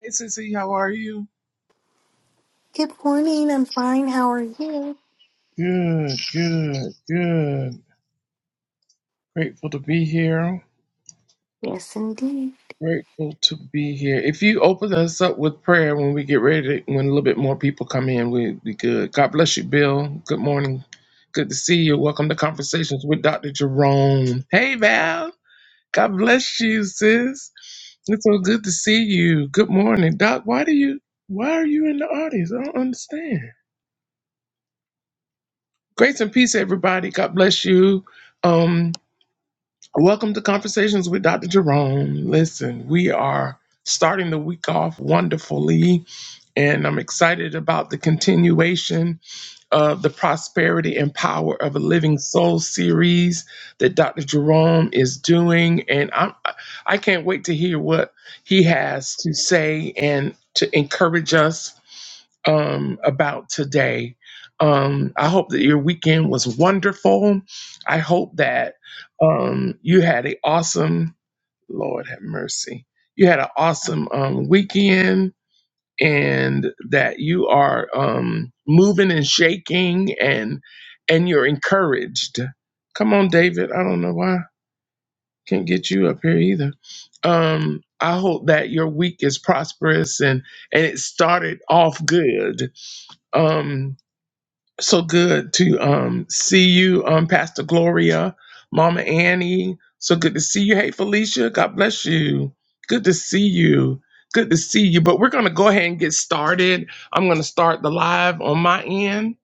Hey, Sissy, how are you? Good morning. I'm fine. How are you? Good, good, good. Grateful to be here. Yes, indeed. Grateful to be here. If you open us up with prayer when we get ready, to, when a little bit more people come in, we'd be good. God bless you, Bill. Good morning. Good to see you. Welcome to Conversations with Dr. Jerome. Hey, Val. God bless you, sis. It's so good to see you. Good morning, Doc. Why do you? Why are you in the audience? I don't understand. Grace and peace, everybody. God bless you. Um, Welcome to Conversations with Dr. Jerome. Listen, we are starting the week off wonderfully, and I'm excited about the continuation of the Prosperity and Power of a Living Soul series that Dr. Jerome is doing. And I'm, I can't wait to hear what he has to say and to encourage us um, about today. Um, I hope that your weekend was wonderful. I hope that um, you had an awesome, Lord have mercy, you had an awesome um, weekend and that you are um, moving and shaking and and you're encouraged. Come on, David. I don't know why. Can't get you up here either. Um, I hope that your week is prosperous and and it started off good. Um, so good to um, see you, um, Pastor Gloria, Mama Annie. So good to see you. Hey, Felicia, God bless you. Good to see you. Good to see you. But we're going to go ahead and get started. I'm going to start the live on my end,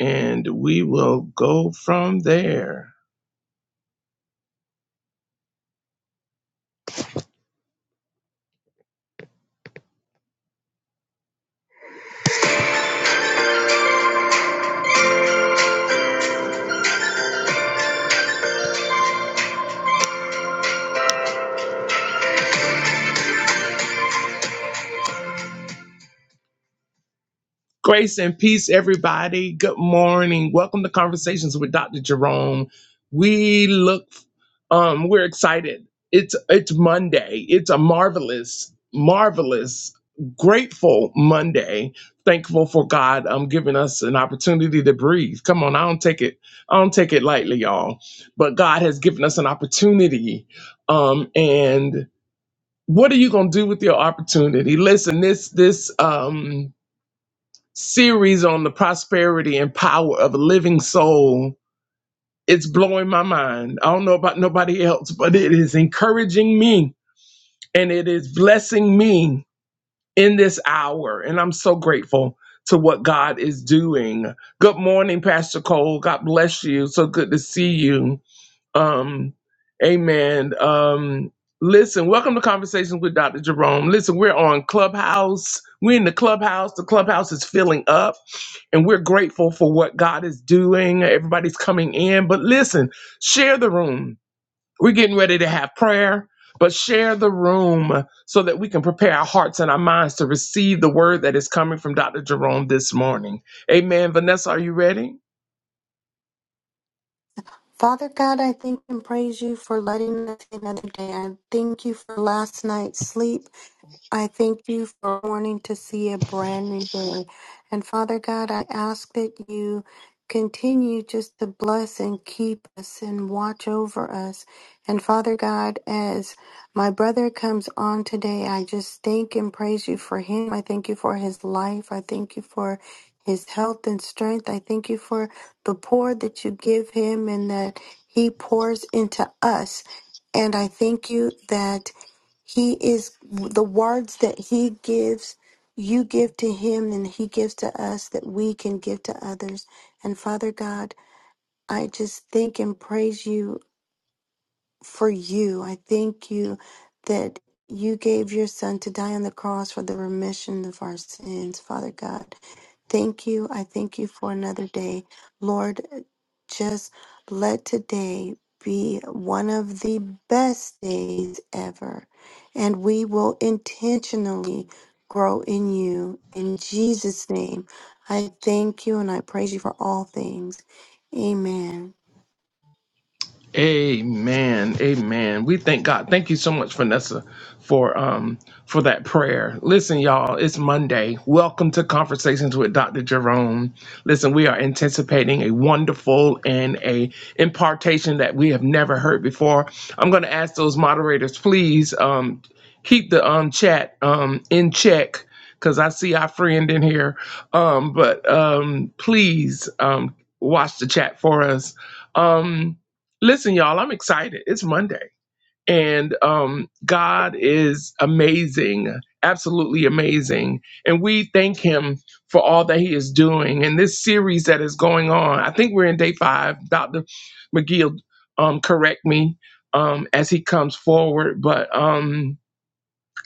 and we will go from there. Grace and peace, everybody. Good morning. Welcome to Conversations with Dr. Jerome. We look, um, we're excited. It's it's Monday. It's a marvelous, marvelous, grateful Monday. Thankful for God um giving us an opportunity to breathe. Come on, I don't take it, I don't take it lightly, y'all. But God has given us an opportunity. Um, and what are you gonna do with your opportunity? Listen, this this um series on the prosperity and power of a living soul. It's blowing my mind. I don't know about nobody else, but it is encouraging me and it is blessing me in this hour. And I'm so grateful to what God is doing. Good morning, Pastor Cole. God bless you. So good to see you. Um, amen. Um, listen, welcome to Conversations with Dr. Jerome. Listen, we're on Clubhouse. We're in the Clubhouse. The Clubhouse is filling up, and we're grateful for what God is doing. Everybody's coming in. But listen, share the room. We're getting ready to have prayer. But share the room so that we can prepare our hearts and our minds to receive the word that is coming from Dr. Jerome this morning. Amen. Vanessa, are you ready? Father God, I thank and praise you for letting us see another day. I thank you for last night's sleep. I thank you for wanting to see a brand new day. And Father God, I ask that you continue just to bless and keep us and watch over us. And Father God, as my brother comes on today, I just thank and praise you for him. I thank you for his life. I thank you for his health and strength. I thank you for the pour that you give him and that he pours into us. And I thank you that. He is the words that He gives, you give to Him, and He gives to us that we can give to others. And Father God, I just thank and praise you for you. I thank you that you gave your son to die on the cross for the remission of our sins, Father God. Thank you. I thank you for another day. Lord, just let today be one of the best days ever. And we will intentionally grow in you. In Jesus' name, I thank you and I praise you for all things. Amen. Amen. Amen. We thank God. Thank you so much, Vanessa, for um for that prayer. Listen, y'all, it's Monday. Welcome to Conversations with Dr. Jerome. Listen, we are anticipating a wonderful and a impartation that we have never heard before. I'm gonna ask those moderators, please um keep the um chat um in check. Cause I see our friend in here. Um, but um please um watch the chat for us. Um Listen, y'all, I'm excited. It's Monday. And um, God is amazing, absolutely amazing. And we thank Him for all that He is doing. And this series that is going on, I think we're in day five. Dr. McGee, um, correct me um, as he comes forward. But um,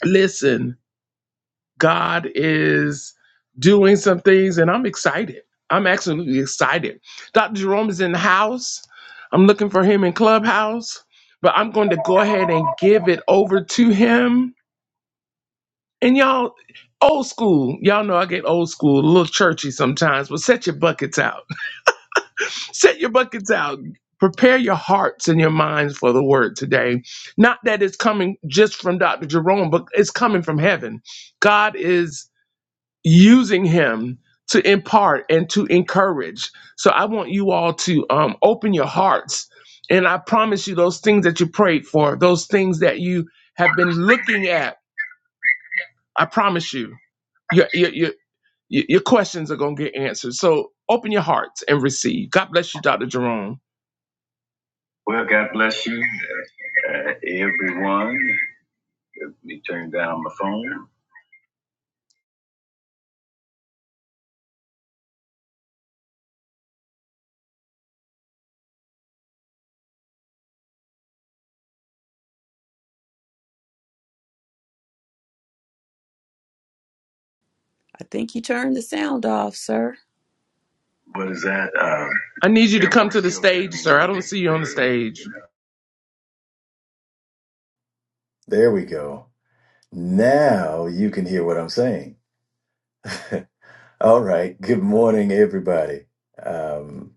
listen, God is doing some things, and I'm excited. I'm absolutely excited. Dr. Jerome is in the house. I'm looking for him in Clubhouse, but I'm going to go ahead and give it over to him. And y'all, old school, y'all know I get old school, a little churchy sometimes, but set your buckets out. Set your buckets out. Prepare your hearts and your minds for the word today. Not that it's coming just from Dr. Jerome, but it's coming from heaven. God is using him to impart and to encourage. So I want you all to um, open your hearts. And I promise you, those things that you prayed for, those things that you have been looking at, I promise you, your, your, your, your questions are going to get answered. So open your hearts and receive. God bless you, Dr. Jerome. Well, God bless you, uh, everyone. Let me turn down my phone. I think you turned the sound off, sir. What is that? Uh, I need you to come to the stage, sir. I don't see you on the stage. There we go. Now you can hear what I'm saying. All right. Good morning, everybody. Um,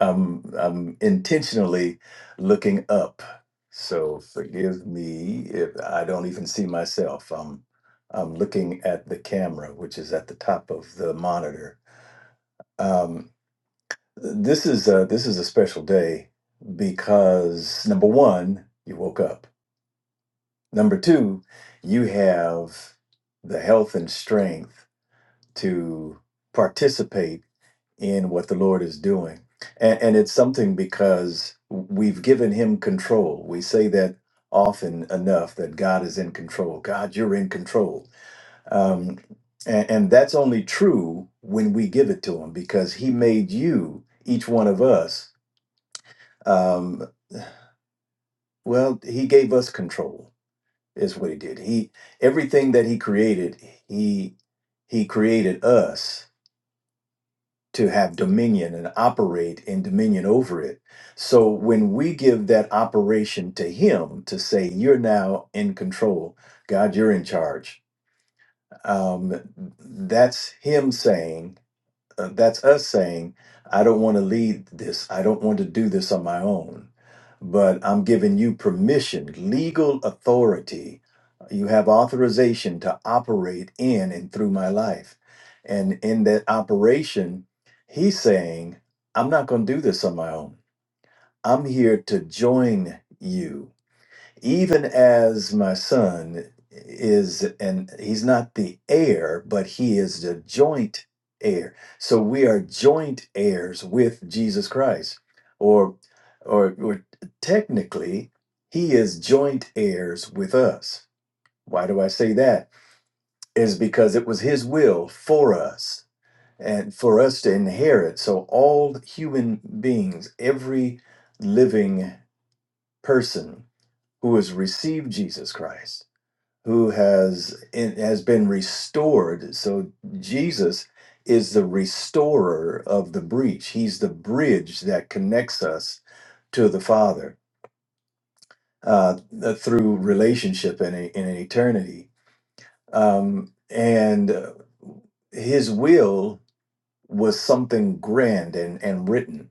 I'm I'm intentionally looking up, so forgive me if I don't even see myself. I'm I'm looking at the camera, which is at the top of the monitor. Um, this is a, this is a special day because number one, you woke up. Number two, you have the health and strength to participate in what the Lord is doing. And, and it's something because we've given him control. We say that often enough that God is in control. God, you're in control. Um, and, and that's only true when we give it to him because he made you, each one of us, um, well, he gave us control is what he did. He everything that he created, he he created us to have dominion and operate in dominion over it. So when we give that operation to him to say you're now in control, God, you're in charge. Um, that's him saying uh, that's us saying, I don't want to lead this. I don't want to do this on my own, but I'm giving you permission, legal authority. You have authorization to operate in and through my life. And in that operation, he's saying, I'm not going to do this on my own. I'm here to join you even as my son is and he's not the heir but he is the joint heir so we are joint heirs with jesus christ or or, or technically he is joint heirs with us why do i say that is because it was his will for us and for us to inherit so all human beings every living person who has received jesus christ who has it has been restored. So Jesus is the restorer of the breach. He's the bridge that connects us to the Father uh, th- through relationship in, a, in an eternity. Um, and uh, His will was something grand and and written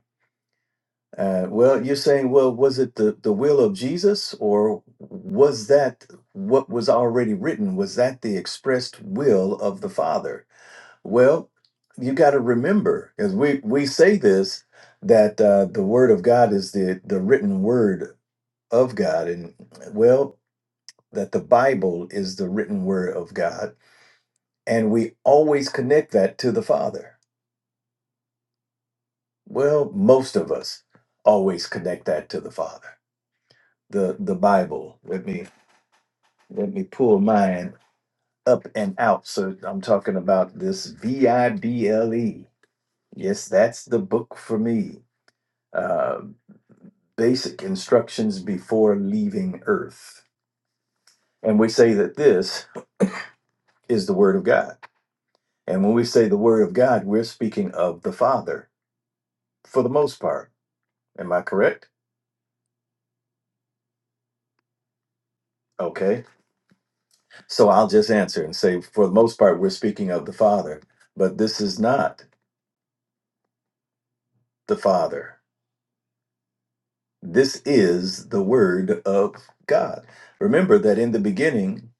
Uh, well, you're saying, well, was it the, the will of Jesus or was that what was already written? Was that the expressed will of the Father? Well, you got to remember, as we, we say this, that uh, the Word of God is the, the written Word of God. And well, that the Bible is the written Word of God. And we always connect that to the Father. Well, most of us always connect that to the Father the the Bible. Let me Let me pull mine up and out. So I'm talking about this V I B L E. Yes, that's the book for me. Uh, basic instructions before leaving Earth. And we say that this is the Word of God. And when we say the Word of God, we're speaking of the Father for the most part. Am I correct? Okay. So I'll just answer and say, for the most part, we're speaking of the Father, but this is not the Father. This is the Word of God. Remember that in the beginning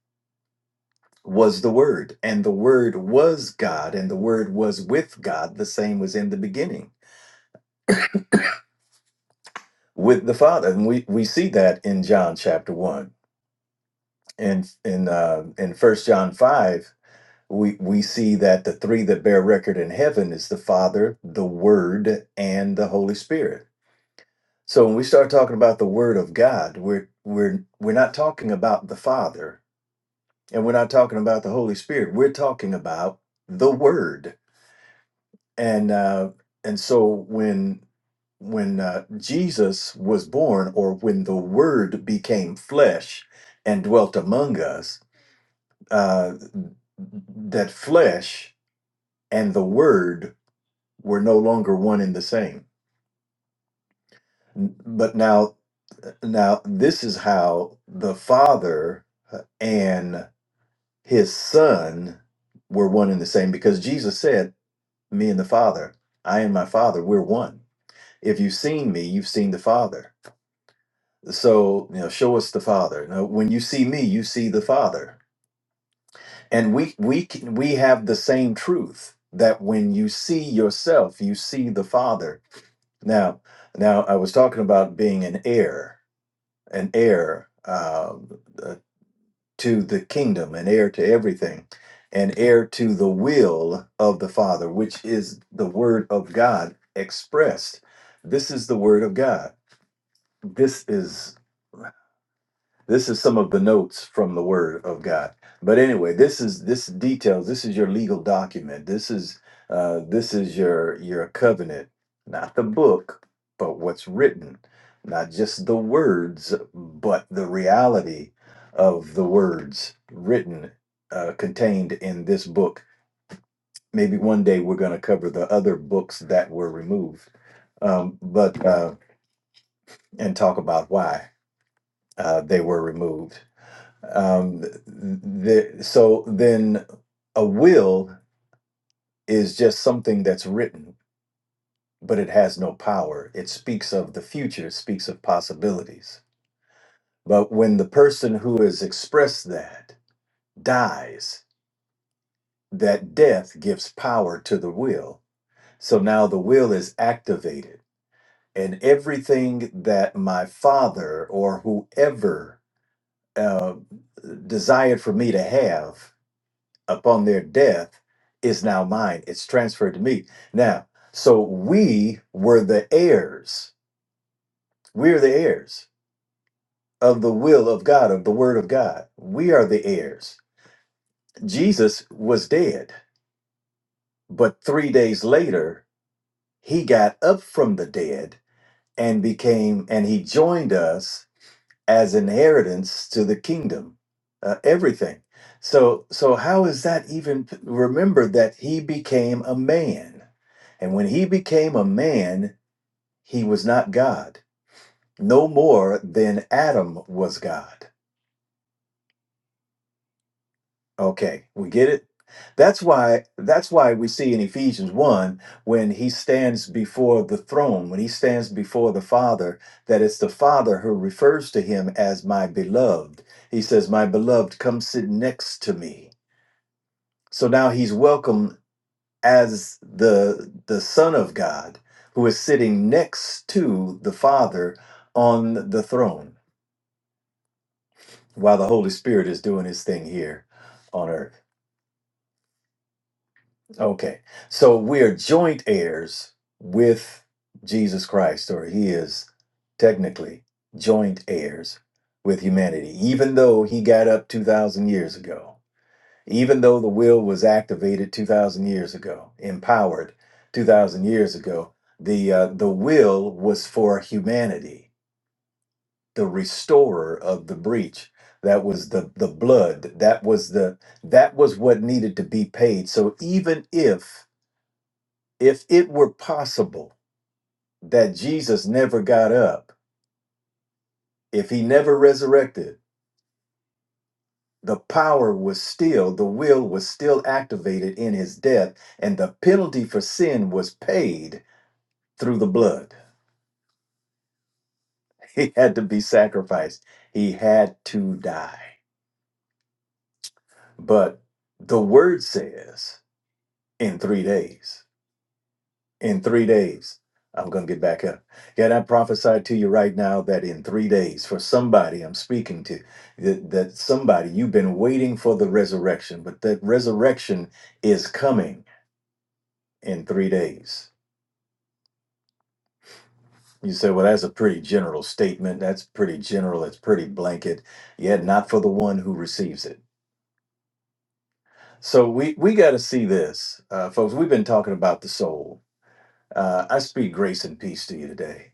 was the Word, and the Word was God, and the Word was with God. The same was in the beginning with the Father. And we, we see that in John chapter 1. And in, uh, in first John 5, we, we see that the three that bear record in heaven is the Father, the Word, and the Holy Spirit. So when we start talking about the Word of God, we're, we're, we're not talking about the Father And we're not talking about the Holy Spirit. We're talking about the Word. And uh, and so when when uh, Jesus was born, or when the Word became flesh and dwelt among us, uh, that flesh and the Word were no longer one and the same. But now, now this is how the Father uh, and His Son were one and the same, because Jesus said. me and the Father. I and my Father, we're one. If you've seen me, you've seen the Father. So, you know, show us the Father. Now, when you see me, you see the Father. And we we can, we have the same truth that when you see yourself, you see the Father. Now, now I was talking about being an heir, an heir. um, uh, to the kingdom and heir to everything and heir to the will of the Father, which is the word of God expressed. This is the word of God. This is. This is some of the notes from the Word of God. But anyway, this is this details. This is your legal document. This is uh, this is your your covenant, not the book, but what's written, not just the words, but the reality of the words written uh, contained in this book. Maybe one day we're going to cover the other books that were removed, um, but uh, and talk about why uh, they were removed. Um, th- so then a will is just something that's written, but it has no power. It speaks of the future, it speaks of possibilities. But when the person who has expressed that dies, that death gives power to the will. So now the will is activated, and everything that my father or whoever uh, desired for me to have upon their death is now mine. It's transferred to me. Now, so we were the heirs. We're the heirs of the will of God, of the word of God. We are the heirs. Jesus was dead, but three days later, he got up from the dead and became, and he joined us as inheritance to the kingdom uh, everything so so how is that even remember that he became a man and when he became a man he was not god no more than adam was god Okay, we get it. That's why that's why we see in Ephesians 1 when he stands before the throne, when he stands before the Father, that it's the Father who refers to him as my beloved. He says, "My beloved, come sit next to me." So now he's welcome as the the son of God who is sitting next to the Father on the throne while the Holy Spirit is doing his thing here on earth. Okay. So we're joint heirs with Jesus Christ, or he is technically joint heirs with humanity, even though he got up 2,000 years ago, even though the will was activated 2,000 years ago, empowered 2,000 years ago, the, uh, the will was for humanity, the restorer of the breach. That was the, the blood. That was the that was what needed to be paid. So even if if it were possible that Jesus never got up, if he never resurrected, the power was still, the will was still activated in his death, and the penalty for sin was paid through the blood. He had to be sacrificed, he had to die. But the word says in three days. in three days i'm going to get back up god i prophesy to you right now that in three days for somebody i'm speaking to that, that somebody you've been waiting for the resurrection but that resurrection is coming in three days you say well that's a pretty general statement that's pretty general it's pretty blanket yet not for the one who receives it so we we got to see this uh, folks we've been talking about the soul uh, i speak grace and peace to you today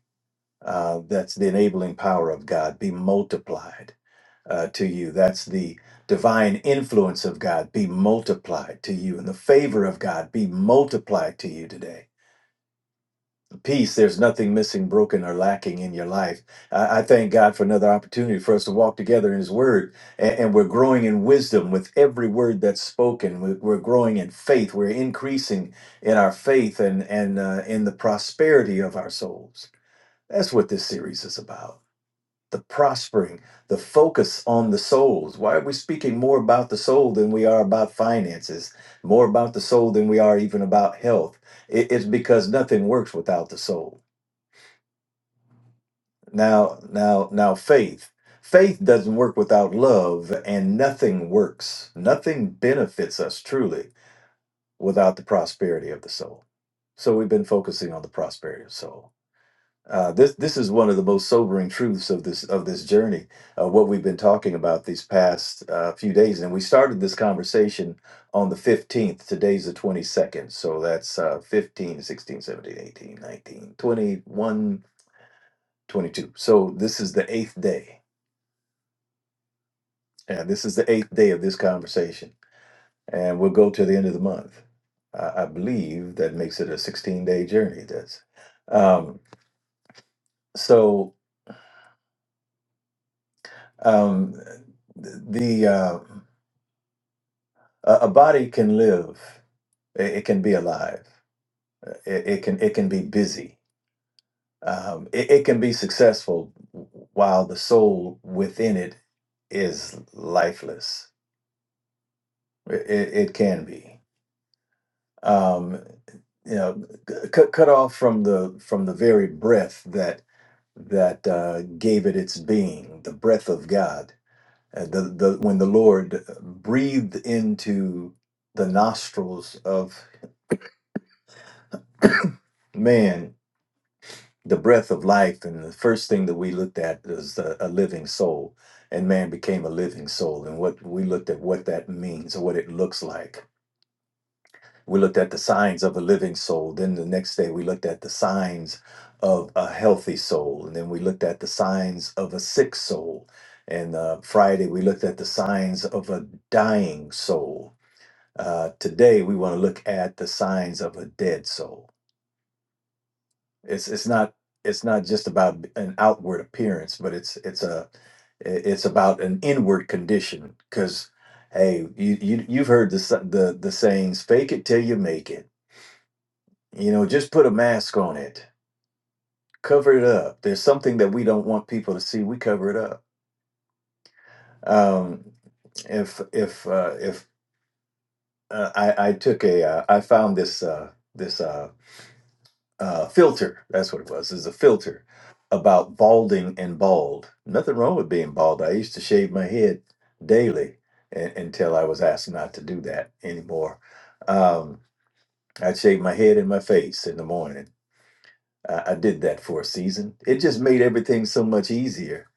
Uh, that's the enabling power of God. Be multiplied uh, to you. That's the divine influence of God. Be multiplied to you. And the favor of God be multiplied to you today. Peace, there's nothing missing, broken, or lacking in your life. I, I thank God for another opportunity for us to walk together in His Word. A- And, we're growing in wisdom with every word that's spoken. We- We're growing in faith. We're increasing in our faith and, and uh, in the prosperity of our souls. That's what this series is about the prospering, the focus on the souls. Why are we speaking more about the soul than we are about finances, more about the soul than we are even about health? It- It's because nothing works without the soul. Now, now, now, faith. Faith doesn't work without love, and nothing works. Nothing benefits us truly without the prosperity of the soul. So we've been focusing on the prosperity of soul. Uh, this this is one of the most sobering truths of this of this journey, uh, what we've been talking about these past uh, few days, and we started this conversation on the 15th. Today's the 22nd, so that's uh, 15, sixteen, seventeen, eighteen, nineteen, twenty-one, twenty-two. So this is the eighth day, and this is the eighth day of this conversation, and we'll go to the end of the month. I I believe that makes it a 16 day journey. That's um, so um, the. uh, A, a body can live. It, it can be alive. Uh, It, it can it can be busy. Um, it, it can be successful while the soul within it is lifeless. It, it, it can be. Um, you know, c- cut cut off from the from the very breath that that uh, gave it its being, the breath of God. Uh, the the when the Lord breathed into the nostrils of man the breath of life and the first thing that we looked at was a, a living soul and man became a living soul and what we looked at what that means or what it looks like we looked at the signs of a living soul then the next day we looked at the signs of a healthy soul and then we looked at the signs of a sick soul and uh, friday we looked at the signs of a dying soul uh, today we want to look at the signs of a dead soul It's it's not it's not just about an outward appearance, but it's it's a it's about an inward condition. Because hey, you, you you've heard the s- the the sayings: "Fake it till you make it." You know, just put a mask on it, cover it up. There's something that we don't want people to see. We cover it up. Um, if if uh, if uh, I I took a uh, I found this uh, this. Uh, uh, filter. That's what it was. Is a filter about balding and bald. Nothing wrong with being bald. I used to shave my head daily and, until I was asked not to do that anymore. Um, I'd shave my head and my face in the morning. I, I did that for a season. It just made everything so much easier.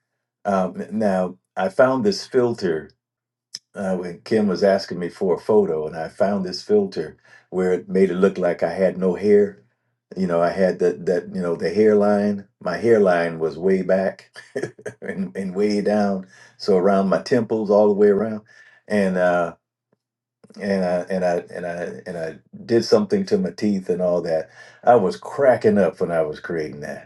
Um, now I found this filter uh, when Kim was asking me for a photo, and I found this filter where it made it look like I had no hair. You know, I had that that you know the hairline. My hairline was way back and, and way down, so around my temples, all the way around. And uh, and I and I and I and I did something to my teeth and all that. I was cracking up when I was creating that.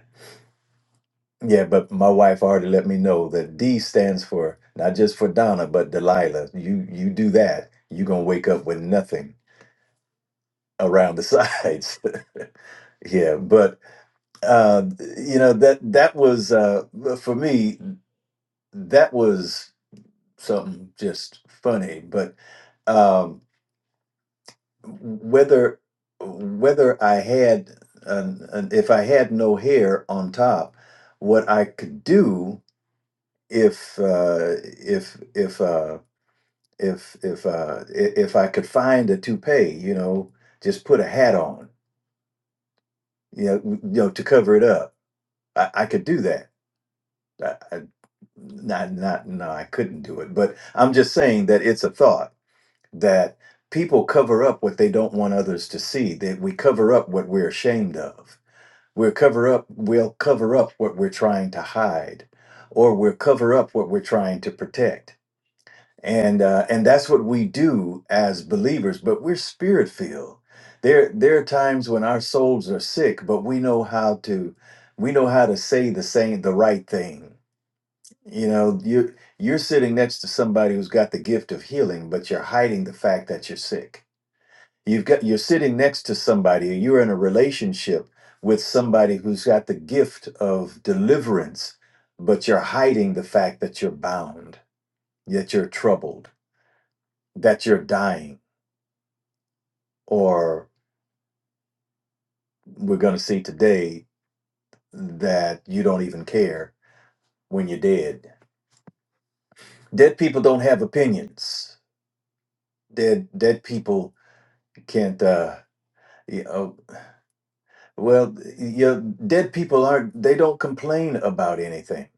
Yeah, but my wife already let me know that D stands for not just for Donna, but Delilah. You you do that, you're gonna wake up with nothing around the sides. yeah, but uh, you know that that was uh, for me. That was something just funny. But um, whether whether I had an, an, if I had no hair on top, what I could do if uh, if if uh. if if uh i- if I could find a toupee, you know, just put a hat on, you know, w- you know, to cover it up. I, I could do that. I, I, not not no, I couldn't do it. But I'm just saying that it's a thought that people cover up what they don't want others to see. That we cover up what we're ashamed of. We'll cover up. We'll cover up what we're trying to hide, or we'll cover up what we're trying to protect and uh, and that's what we do as believers but we're spirit filled there there are times when our souls are sick but we know how to we know how to say the same the right thing you know you you're sitting next to somebody who's got the gift of healing but you're hiding the fact that you're sick you've got you're sitting next to somebody or you're in a relationship with somebody who's got the gift of deliverance but you're hiding the fact that you're bound yet you're troubled that you're dying, or we're going to see today that you don't even care when you're dead. Dead people don't have opinions. Dead dead people can't. Uh, you know, well, you dead people aren't. They don't complain about anything.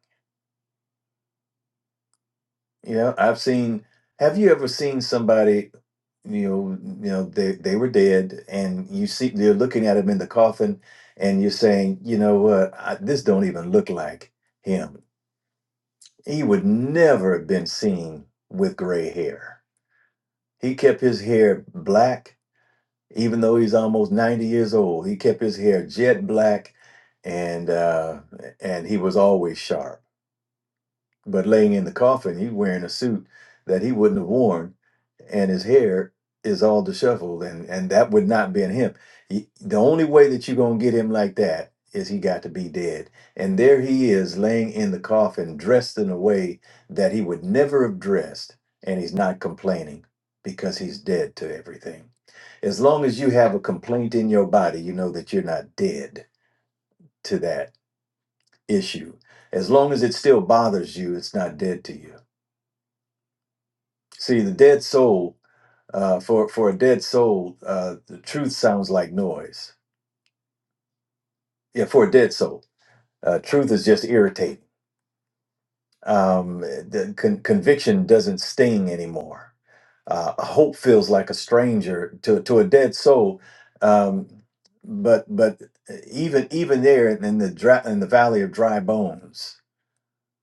You know, I've seen. Have you ever seen somebody? You know, you know they they were dead, and you see they're looking at him in the coffin, and you're saying, you know what, I, this don't even look like him He would never have been seen with gray hair. He kept his hair black, even though he's almost 90 years old. He kept his hair jet black and uh, and he was always sharp. But laying in the coffin, he's wearing a suit that he wouldn't have worn, and his hair is all disheveled, and and that would not been him. He, the only way that you're gonna get him like that is he got to be dead. And there he is, laying in the coffin, dressed in a way that he would never have dressed, and he's not complaining because he's dead to everything. As long as you have a complaint in your body, you know that you're not dead to that issue. As long as it still bothers you, it's not dead to you. See, the dead soul, uh, for for a dead soul, uh, the truth sounds like noise. Yeah, for a dead soul, uh, truth is just irritating. Um, the con- conviction doesn't sting anymore. Uh, hope feels like a stranger to to a dead soul. Um, but but uh, even even there in the dry, in the valley of dry bones,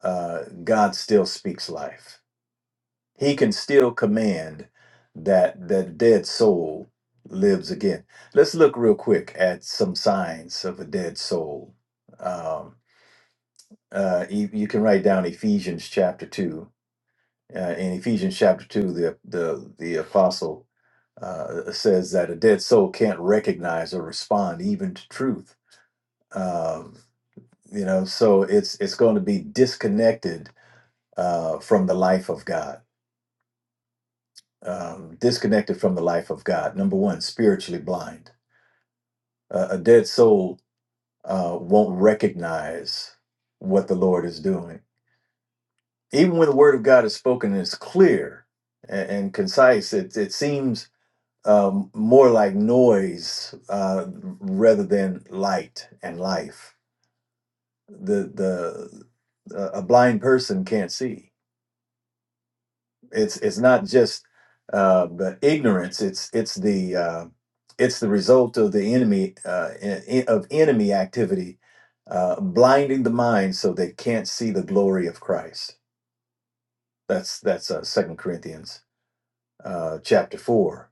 uh, God still speaks life he can still command that that dead soul lives again let's look real quick at some signs of a dead soul um, uh, you, you can write down ephesians chapter 2 uh, in ephesians chapter 2 the the, the apostle uh, says that a dead soul can't recognize or respond even to truth um, you know so it's it's going to be disconnected uh, from the life of god um, disconnected from the life of God. Number one, spiritually blind. Uh, a dead soul uh, won't recognize what the Lord is doing. Even when the word of God is spoken and it's clear and, and concise, it, it seems um, more like noise uh, rather than light and life. The, the, uh, a blind person can't see It's it's not just uh, the ignorance. It's it's the uh, it's the result of the enemy uh, en- en- of enemy activity, uh, blinding the mind so they can't see the glory of Christ. That's that's uh, Second Corinthians uh, chapter four.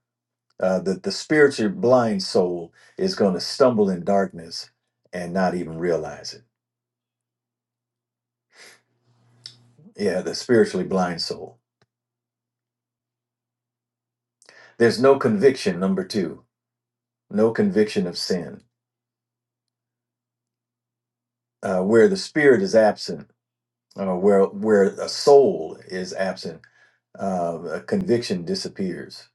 Uh, that the spiritually blind soul is going to stumble in darkness and not even realize it. Yeah, the spiritually blind soul. There's no conviction. Number two, no conviction of sin uh, where the spirit is absent uh, where where a soul is absent, uh, a conviction disappears.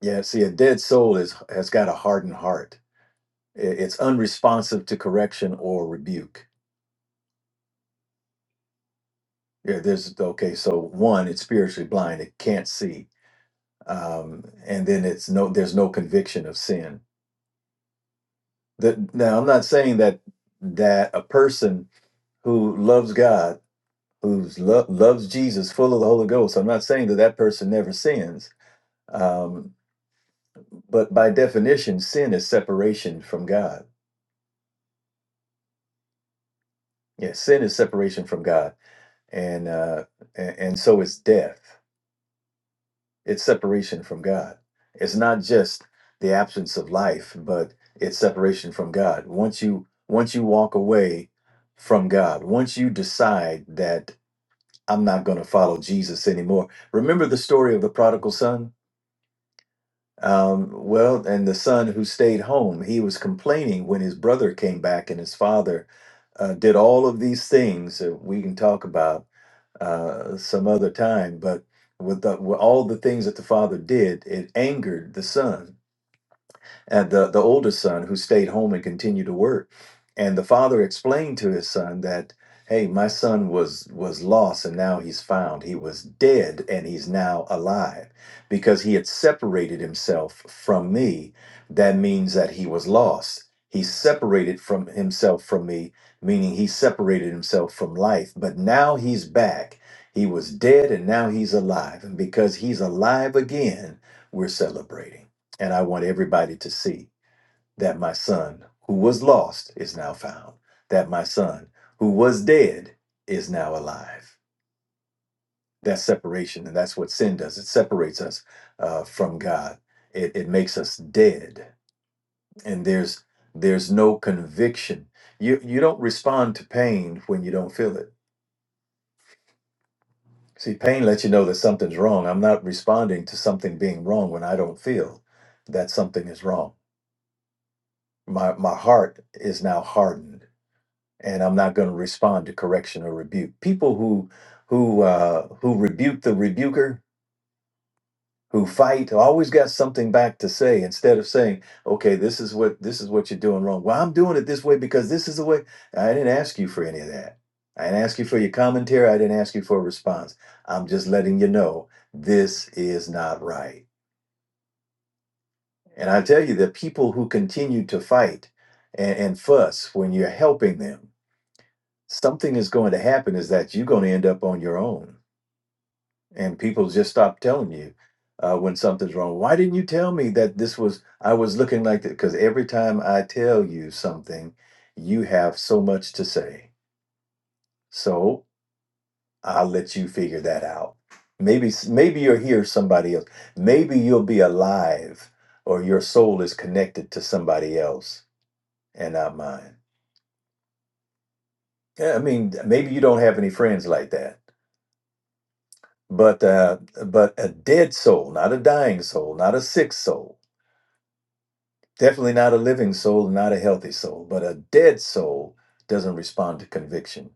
Yeah, see, a dead soul is has got a hardened heart. I- It's unresponsive to correction or rebuke. Yeah, there's okay. So one, it's spiritually blind; it can't see, um, and then it's no. There's no conviction of sin. That now, I'm not saying that that a person who loves God, who's lo- loves Jesus, full of the Holy Ghost. I'm not saying that that person never sins Um, But by definition, sin is separation from God. Yeah, sin is separation from God, and uh, and, and so is death. It's separation from God. It's not just the absence of life, but it's separation from God. Once you once you walk away from God, once you decide that I'm not going to follow Jesus anymore. Remember the story of the prodigal son Um, well, and the son who stayed home, he was complaining when his brother came back and his father uh, did all of these things that we can talk about uh, some other time. But with, the, with all the things that the father did, it angered the son and the, the oldest son who stayed home and continued to work. And the father explained to his son that, hey, my son was was lost and now he's found. He was dead and he's now alive because he had separated himself from me. That means that he was lost. He separated from himself from me, meaning he separated himself from life. But now he's back. He was dead and now he's alive. And because he's alive again, we're celebrating. And I want everybody to see that my son, who was lost, is now found, that my son, who was dead, is now alive. That's separation, and that's what sin does. It separates us uh, from God. It, it makes us dead, and there's there's no conviction. You you don't respond to pain when you don't feel it. See, pain lets you know that something's wrong. I'm not responding to something being wrong when I don't feel that something is wrong. My my heart is now hardened and I'm not going to respond to correction or rebuke. People who who uh, who rebuke the rebuker, who fight, always got something back to say instead of saying, "Okay, this is what this is what you're doing wrong." Well, I'm doing it this way because this is the way. I didn't ask you for any of that. I didn't ask you for your commentary. I didn't ask you for a response. I'm just letting you know this is not right. And I tell you, the people who continue to fight and, and fuss when you're helping them something is going to happen is that you're going to end up on your own and people just stop telling you uh, when something's wrong why didn't you tell me that this was i was looking like that because every time i tell you something you have so much to say so i'll let you figure that out maybe s- maybe you are here, somebody else maybe you'll be alive or your soul is connected to somebody else and not mine Yeah, i mean maybe you don't have any friends like that but uh, but a dead soul, not a dying soul, not a sick soul, definitely not a living soul, not a healthy soul, but a dead soul doesn't respond to conviction.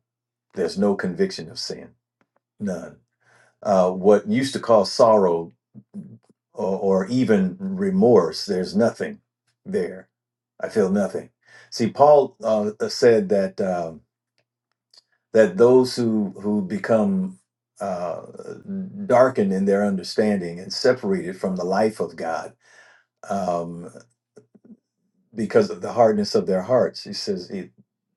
There's no conviction of sin, none. Uh, what used to cause sorrow or, or even remorse, there's nothing there. I feel nothing. See, Paul uh, said that. uh, that those who who become uh, darkened in their understanding and separated from the life of God um, because of the hardness of their hearts. He says it,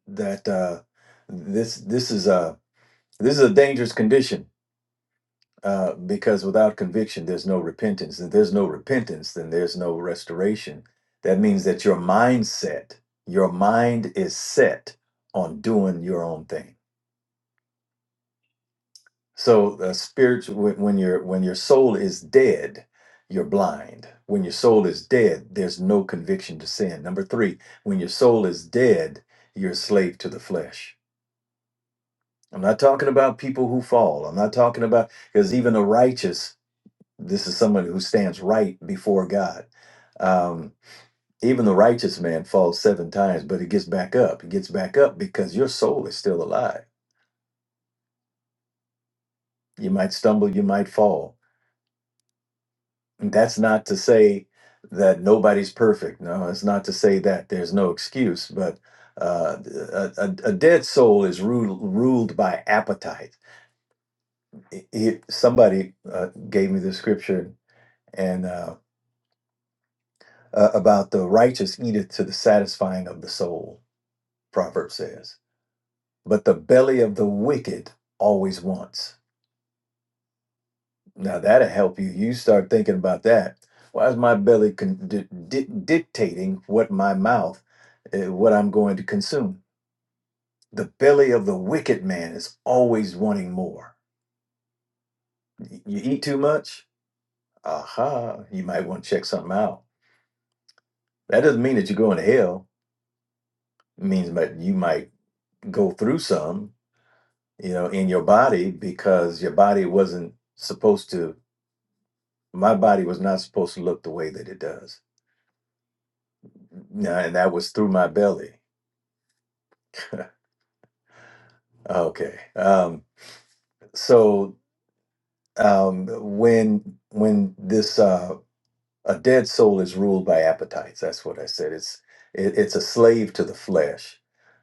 that uh, this this is a this is a dangerous condition uh, because without conviction, there's no repentance, and there's no repentance, then there's no restoration. That means that your mindset, your mind is set on doing your own thing So uh, spiritual when when your when your soul is dead, you're blind. When your soul is dead, there's no conviction to sin. Number 3, when your soul is dead, you're a slave to the flesh. I'm not talking about people who fall. I'm not talking about because even the righteous, this is someone who stands right before God. Um, even the righteous man falls seven times, but he gets back up. He gets back up because your soul is still alive. You might stumble, you might fall, that's not to say that nobody's perfect. No, it's not to say that there's no excuse, but uh, a, a, a dead soul is ruled, ruled by appetite. It, it- somebody uh, gave me the scripture and uh, uh, about the righteous eateth to the satisfying of the soul, Proverb says. But the belly of the wicked always wants. Now that'll help you. You start thinking about that. Why is my belly con- di- di- dictating what my mouth, eh, what I'm going to consume? The belly of the wicked man is always wanting more. Y- You eat too much? Aha, you might want to check something out. That doesn't mean that you're going to hell. It means that you might go through some, you know, in your body because your body wasn't supposed to, my body was not supposed to look the way that it does. Now, and that was through my belly Okay. Um, so um, when when this uh, a dead soul is ruled by appetites, that's what I said. It's it, it's a slave to the flesh.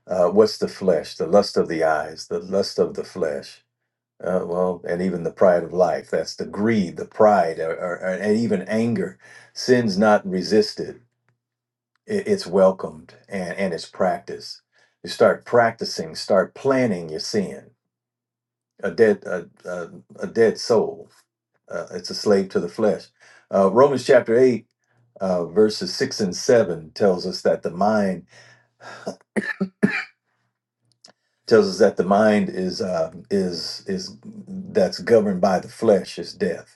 Uh, what's the flesh? The lust of the eyes, the lust of the flesh. Uh, well, and even the pride of life. That's the greed, the pride, or, or, and even anger. Sin's not resisted. It, it's welcomed and and it's practiced. You start practicing, start planning your sin a dead a, a, a dead soul. Uh, it's a slave to the flesh. Uh, Romans chapter eight, uh, verses six and seven tells us that the mind tells us that the mind is uh, is is that's governed by the flesh is death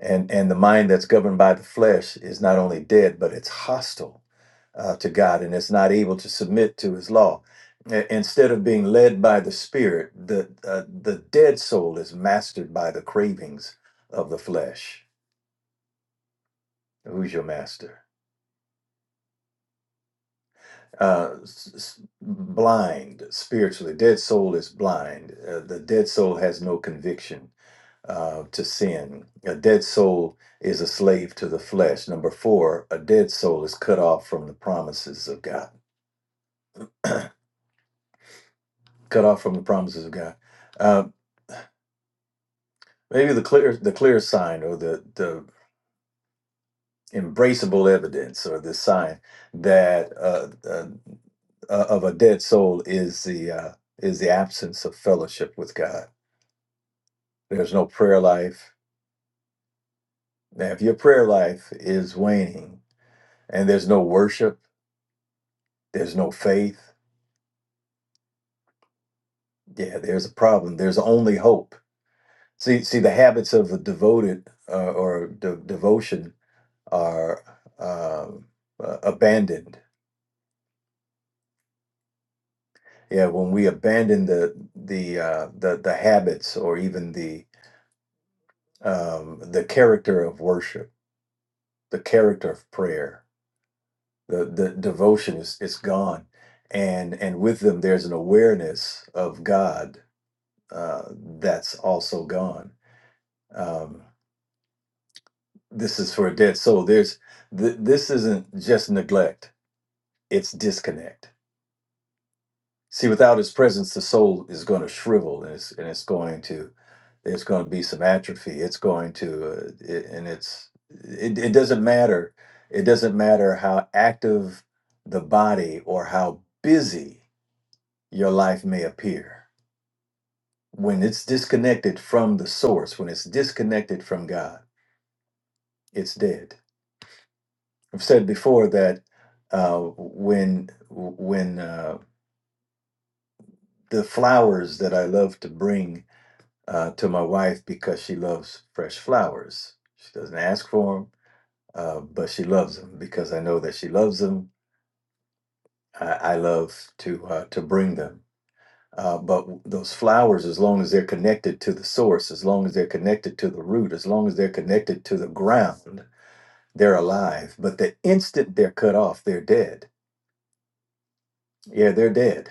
and and the mind that's governed by the flesh is not only dead but it's hostile uh, to god and it's not able to submit to his law I- instead of being led by the spirit the uh, the dead soul is mastered by the cravings of the flesh who's your master uh, s- s- blind spiritually dead soul is blind uh, the dead soul has no conviction uh, to sin. A dead soul is a slave to the flesh. Number four, a dead soul is cut off from the promises of God. Cut off from the promises of God. Uh, maybe the clear, the clear sign, or the the embraceable evidence, or the sign that uh, uh, uh, of a dead soul is the uh, is the absence of fellowship with God. There's no prayer life. Now, if your prayer life is waning and there's no worship, there's no faith, Yeah, there's a problem. There's only hope. See, see, the habits of a devoted uh, or de- devotion are um uh, abandoned. Yeah, when we abandon the the uh, the the habits or even the um, the character of worship, the character of prayer, the the devotion is is gone, and and with them there's an awareness of God uh, that's also gone. Um, this is for a dead soul. There's th- this isn't just neglect; it's disconnect. See, without His presence, the soul is going to shrivel, and it's and it's going to there's going to be some atrophy. It's going to uh, it, and it's it, it doesn't matter. It doesn't matter how active the body or how busy your life may appear. When it's disconnected from the source, when it's disconnected from God, it's dead I've said before that uh, when when uh, the flowers that I love to bring uh, to my wife because she loves fresh flowers. She doesn't ask for them, uh, but she loves them because I know that she loves them. I, I love to uh, to bring them. Uh, but those flowers, as long as they're connected to the source, as long as they're connected to the root, as long as they're connected to the ground, they're alive. But the instant they're cut off, they're dead. Yeah, they're dead.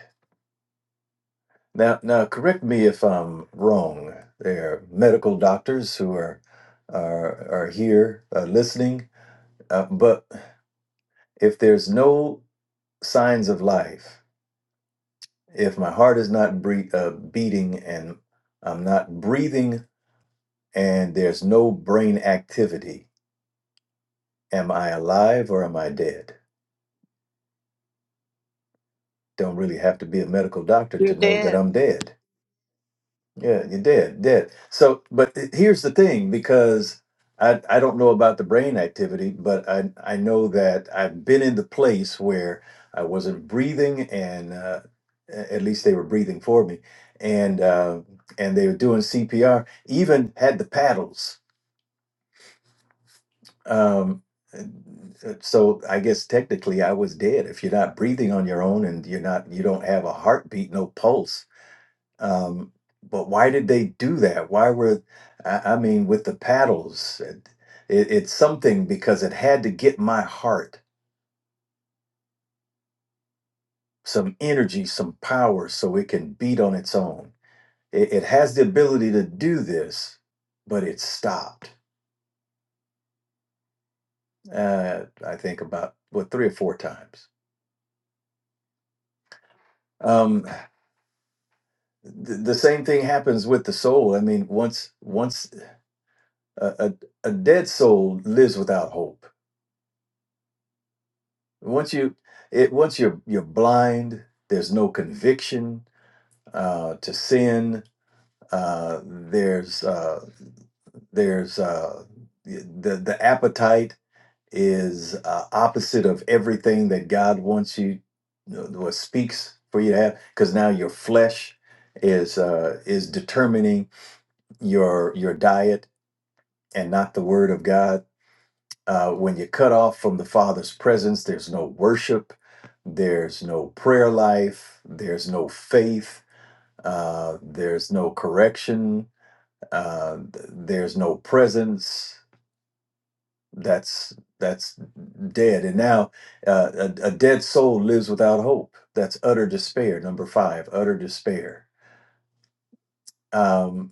Now, now, correct me if I'm wrong. There are medical doctors who are are, are here uh, listening, uh, but if there's no signs of life, if my heart is not bre- uh, beating and I'm not breathing, and there's no brain activity, am I alive or am I dead? Don't really have to be a medical doctor You're to know that dead. I'm dead. Yeah, you did, did. So, but it- here's the thing, because I I don't know about the brain activity, but I I know that I've been in the place where I wasn't breathing, and uh, a- at least they were breathing for me, and uh, and they were doing CPR, even had the paddles. Um, uh, so I guess technically I was dead. If you're not breathing on your own and you're not you don't have a heartbeat, no pulse, um, but why did they do that? Why were, I, I mean, with the paddles? It, it- it's something because it had to get my heart some energy, some power, so it can beat on its own. It, it has the ability to do this, but it stopped. Uh, I think about what three or four times. Um, th- the same thing happens with the soul. I mean, once once a, a, a dead soul lives without hope Once you it once you're you're blind, there's no conviction uh, to sin. Uh, there's uh, there's uh, the the appetite is uh, opposite of everything that God wants you you know, or speaks for you to have because now your flesh is uh, is determining your your diet and not the Word of God Uh, when you're cut off from the Father's presence, there's no worship, there's no prayer life, there's no faith, uh, there's no correction, uh, th- there's no presence. That's that's dead. And now uh, a, a dead soul lives without hope. That's utter despair. Number five, utter despair. Um,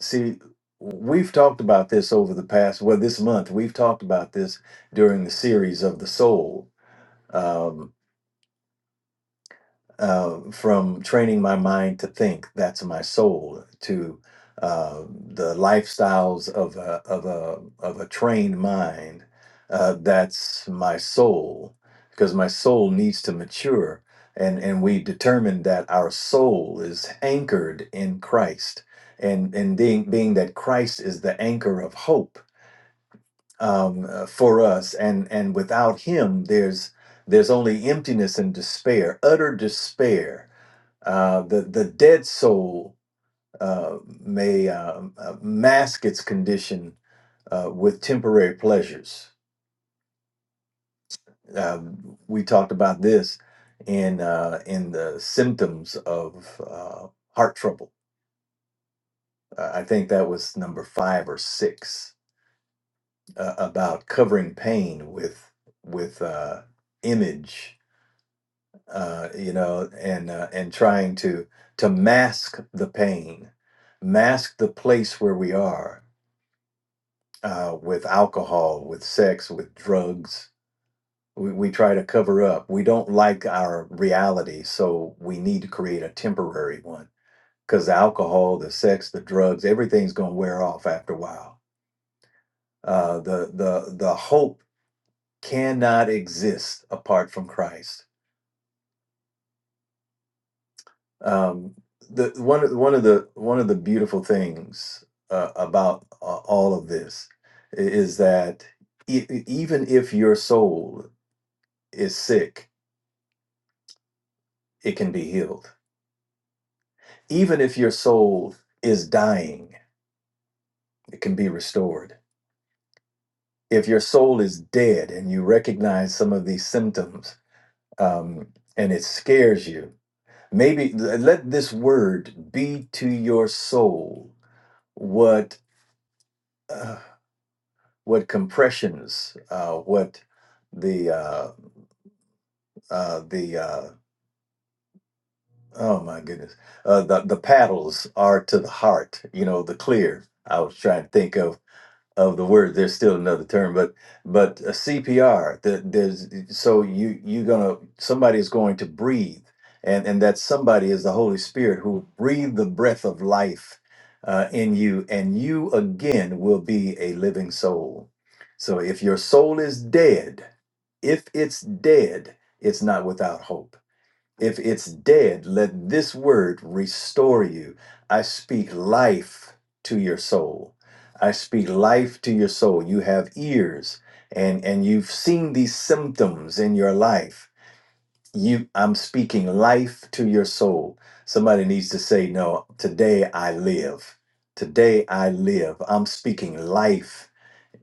see, we've talked about this over the past. Well, this month we've talked about this during the series of the soul. Um, uh, from training my mind to think that's my soul to uh, the lifestyles of a, of a of a trained mind uh, that's my soul because my soul needs to mature and and we determined that our soul is anchored in Christ and and being being that Christ is the anchor of hope um, uh, for us and and without him there's there's only emptiness and despair utter despair uh, the the dead soul uh, may uh, uh, mask its condition uh, with temporary pleasures. Um we talked about this in uh, in the symptoms of uh, heart trouble. Uh, I think that was number five or six uh, about covering pain with with uh, image, uh, you know, and uh, and trying to to mask the pain, mask the place where we are uh, with alcohol, with sex, with drugs. We, we try to cover up. We don't like our reality, so we need to create a temporary one because the alcohol, the sex, the drugs, everything's going to wear off after a while. Uh, the the the hope cannot exist apart from Christ. Um, the one of one of the one of the beautiful things uh, about uh, all of this i- is that e- even if your soul is sick it can be healed. Even if your soul is dying, it can be restored. If your soul is dead and you recognize some of these symptoms um, and it scares you, maybe let this word be to your soul what uh, what compressions, uh, what the uh, uh, the uh, oh my goodness, uh, the the paddles are to the heart. You know the clear. I was trying to think of of the word. There's still another term, but but a CPR. That there's so you you're gonna somebody is going to breathe, and and that somebody is the Holy Spirit who breathed the breath of life uh, in you, and you again will be a living soul. So if your soul is dead, if it's dead, it's not without hope. If it's dead, let this word restore you. I speak life to your soul. I speak life to your soul. You have ears and and you've seen these symptoms in your life. You I'm speaking life to your soul. Somebody needs to say no, today I live. Today I live. I'm speaking life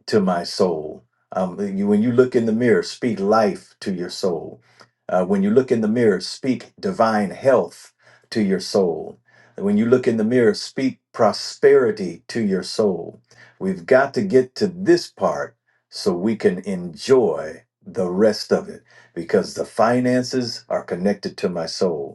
to my soul. Um, you, when you look in the mirror, speak life to your soul. Uh, when you look in the mirror, speak divine health to your soul. When you look in the mirror, speak prosperity to your soul. We've got to get to this part so we can enjoy the rest of it because the finances are connected to my soul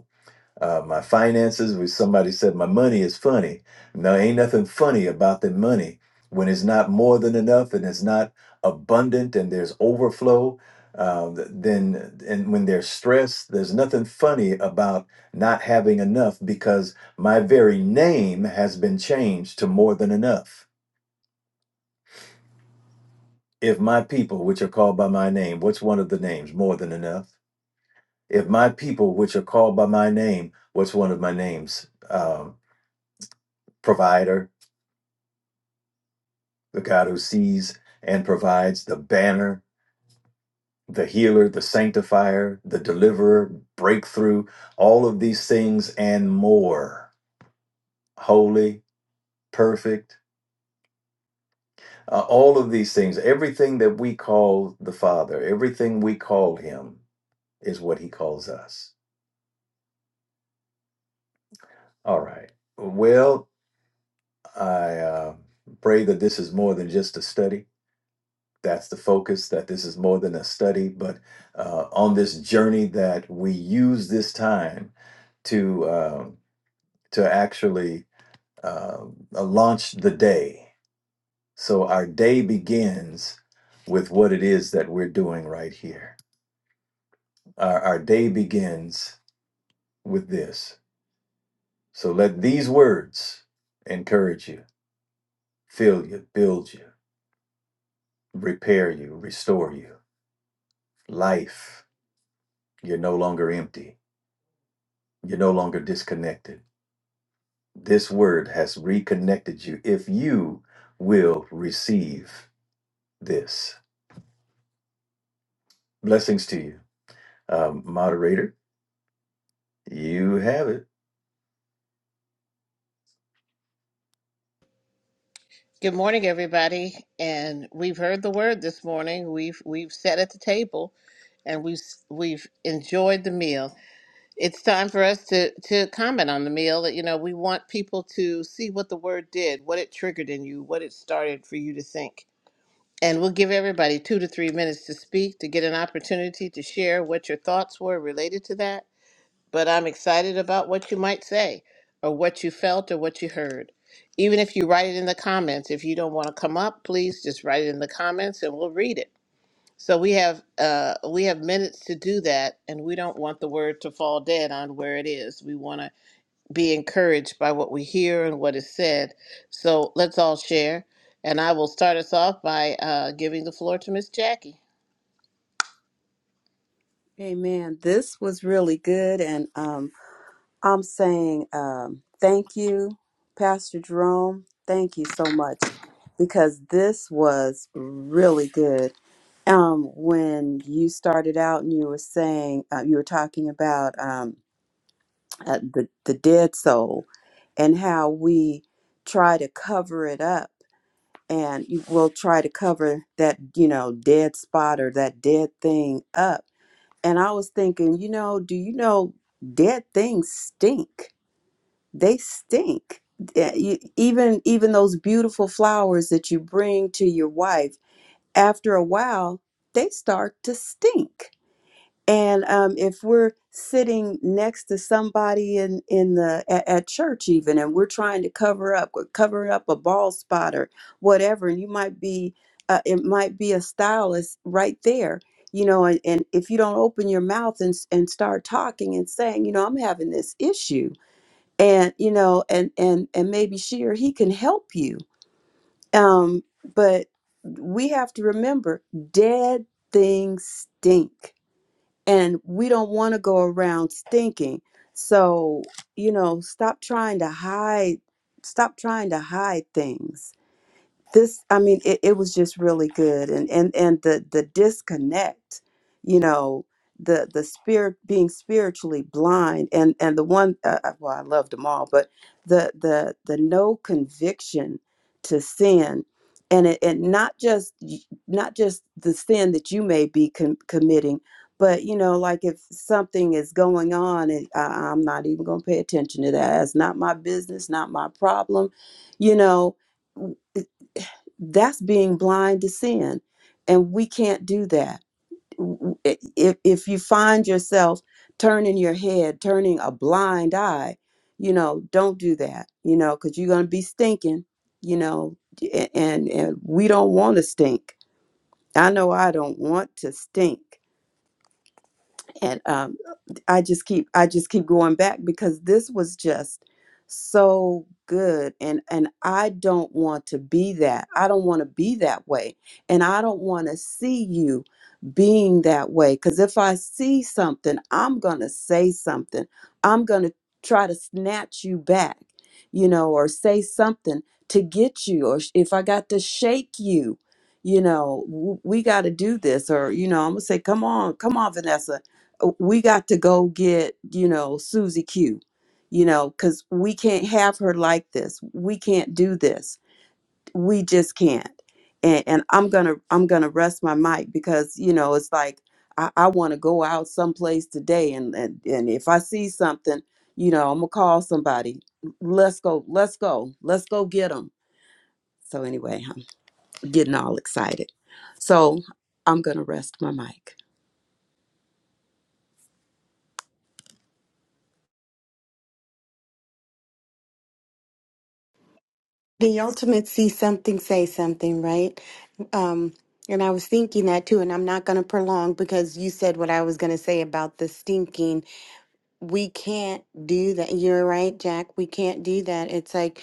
uh, my finances. Which somebody said my money is funny. No, ain't nothing funny about the money when it's not more than enough and it's not abundant and there's overflow. Um, then and when there's stress, there's nothing funny about not having enough because my very name has been changed to more than enough. If my people, which are called by my name, what's one of the names? More than enough. If my people, which are called by my name, what's one of my names? Um, provider, the God who sees and provides, the banner, the healer, the sanctifier, the deliverer, breakthrough, all of these things and more. Holy, perfect, uh, all of these things, everything that we call the Father, everything we call Him is what He calls us. All right. Well, I uh, pray that this is more than just a study that's the focus that this is more than a study but uh, on this journey that we use this time to um, to actually uh, uh, launch the day so our day begins with what it is that we're doing right here our, our day begins with this so let these words encourage you fill you build you repair you restore you life you're no longer empty you're no longer disconnected This word has reconnected you if you will receive this. Blessings to you. Um, moderator, you have it. Good morning, everybody. And we've heard the word this morning. We've we've sat at the table, and we've we've enjoyed the meal. It's time for us to to comment on the meal. You know, we want people to see what the word did, what it triggered in you, what it started for you to think. And we'll give everybody two to three minutes to speak to get an opportunity to share what your thoughts were related to that. but I'm excited about what you might say or what you felt or what you heard. Even if you write it in the comments, if you don't want to come up, please just write it in the comments and we'll read it. So we have uh, we have minutes to do that, and we don't want the word to fall dead on where it is. We want to be encouraged by what we hear and what is said. So let's all share, and I will start us off by uh, giving the floor to Miss Jackie. Amen. This was really good. And um, I'm saying um, thank you, Pastor Jerome. Thank you so much because this was really good. Um, when you started out and you were saying, uh, you were talking about um, uh, the, the dead soul and how we try to cover it up and you will try to cover that, you know, dead spot or that dead thing up And I was thinking, you know, do you know dead things stink? They stink. Yeah, you- Even even those beautiful flowers that you bring to your wife, after a while, they start to stink. And um, if we're sitting next to somebody in in the at, at church even, and we're trying to cover up, we're covering up a bald spot or whatever, and you might be, uh, it might be a stylist right there, you know. And, and if you don't open your mouth and s- and start talking and saying, you know, I'm having this issue, and you know, and and and maybe she or he can help you. Um, but we have to remember, dead things stink and we don't want to go around stinking so you know stop trying to hide stop trying to hide things this i mean it, it was just really good and and and the the disconnect you know the the spirit being spiritually blind and and the one uh, uh, well i loved them all but the the the no conviction to sin and it and not just y- not just the sin that you may be com- committing but you know like if something is going on and I, i'm not even going to pay attention to that it's not my business not my problem you know that's being blind to sin and we can't do that W- i- if, if you find yourself turning your head turning a blind eye you know don't do that you know because you're going to be stinking you know a- and and we don't want to stink i know i don't want to stink and um, I just keep I just keep going back because this was just so good and and I don't want to be that. I don't want to be that way and I don't want to see you being that way cuz if I see something, I'm going to say something. I'm going to try to snatch you back, you know, or say something to get you or sh- if I got to shake you, you know, w- we got to do this or you know, I'm going to say come on, come on Vanessa uh, we got to go get you know susie q you know because we can't have her like this we can't do this we just can't and and i'm gonna i'm gonna rest my mic because you know it's like i, I want to go out someplace today and, and and if i see something you know i'm gonna call somebody let's go let's go let's go get them so anyway i'm getting all excited so i'm gonna rest my mic The ultimate see something, say something, right? Um, and I was thinking that too, and I'm not going to prolong because you said what I was going to say about the stinking. We can't do that. You're right, Jack. We can't do that. It's like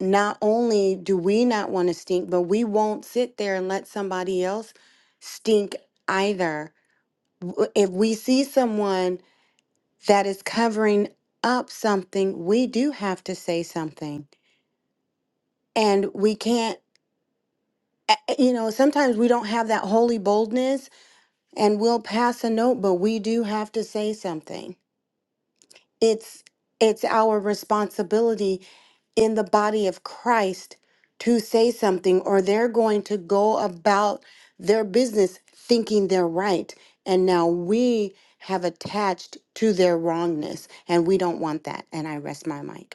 not only do we not want to stink, but we won't sit there and let somebody else stink either. W- If we see someone that is covering up something, we do have to say something. And we can't. a- you know, sometimes we don't have that holy boldness and we'll pass a note, but we do have to say something. It's it's our responsibility in the body of Christ to say something or they're going to go about their business thinking they're right and now we have attached to their wrongness and we don't want that and I rest my mic.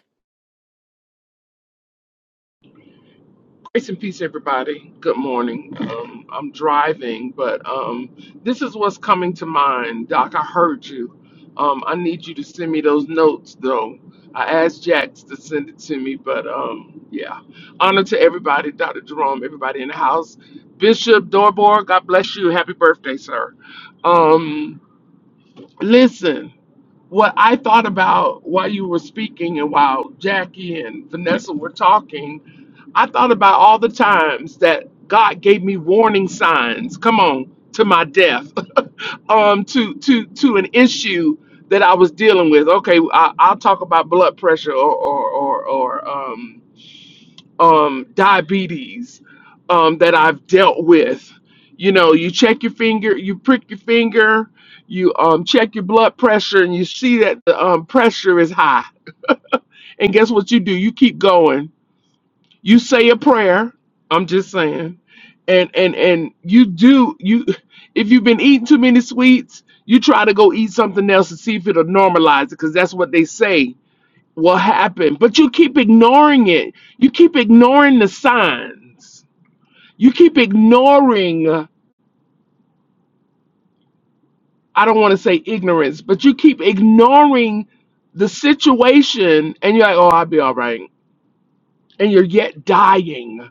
Grace and peace, everybody. Good morning. Um, I'm driving, but um, this is what's coming to mind. Doc, I heard you. Um, I need you to send me those notes, though. I asked Jax to send it to me, but um, yeah. Honor to everybody, Dr. Jerome, everybody in the house. Bishop Dorbor, God bless you. Happy birthday, sir. Um, listen, what I thought about while you were speaking and while Jackie and Vanessa were talking I thought about all the times that God gave me warning signs. Come on, to my death, um, to to to an issue that I was dealing with. Okay, I, I'll talk about blood pressure or or or, or um um diabetes um that I've dealt with. You know, you check your finger, you prick your finger, you um check your blood pressure, and you see that the um, pressure is high. And guess what you do? You keep going you say a prayer i'm just saying and and and you do you if you've been eating too many sweets you try to go eat something else to see if it'll normalize it because that's what they say will happen but you keep ignoring it you keep ignoring the signs you keep ignoring uh, i don't want to say ignorance but you keep ignoring the situation and you're like oh i'll be all right and you're yet dying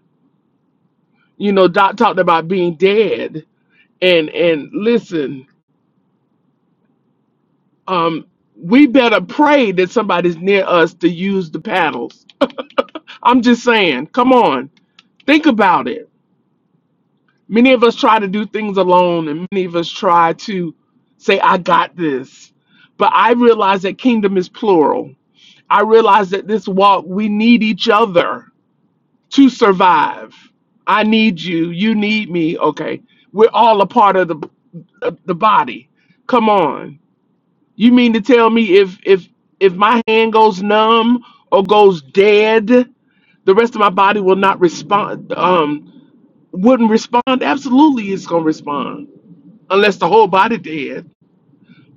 you know doc talked about being dead and and listen um we better pray that somebody's near us to use the paddles i'm just saying come on think about it many of us try to do things alone and many of us try to say i got this but i realize that kingdom is plural i realize that this walk we need each other to survive i need you you need me okay we're all a part of the the body come on You mean to tell me if if if my hand goes numb or goes dead, the rest of my body will not respond? Um, wouldn't respond. Absolutely, it's gonna respond unless the whole body dead.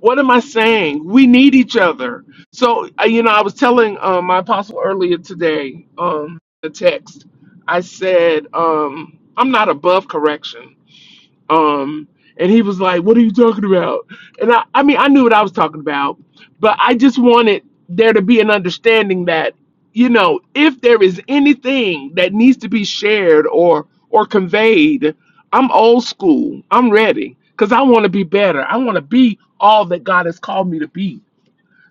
What am I saying? We need each other. So uh, you know, I was telling um, my apostle earlier today um, the text. I said um, I'm not above correction. Um, and he was like, "What are you talking about?" And I, I mean, I knew what I was talking about, but I just wanted there to be an understanding that, you know, if there is anything that needs to be shared or or conveyed, I'm old school. I'm ready because I want to be better. I want to be all that God has called me to be.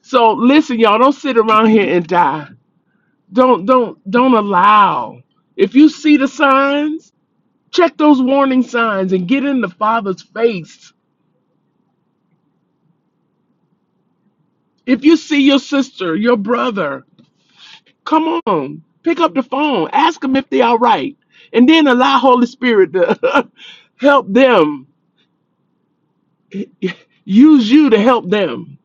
So listen, y'all, don't sit around here and die. Don't don't don't allow. If you see the signs Check those warning signs and get in the Father's face. If you see your sister, your brother, come on, pick up the phone, ask them if they're all right, and then allow Holy Spirit to help them. Use you to help them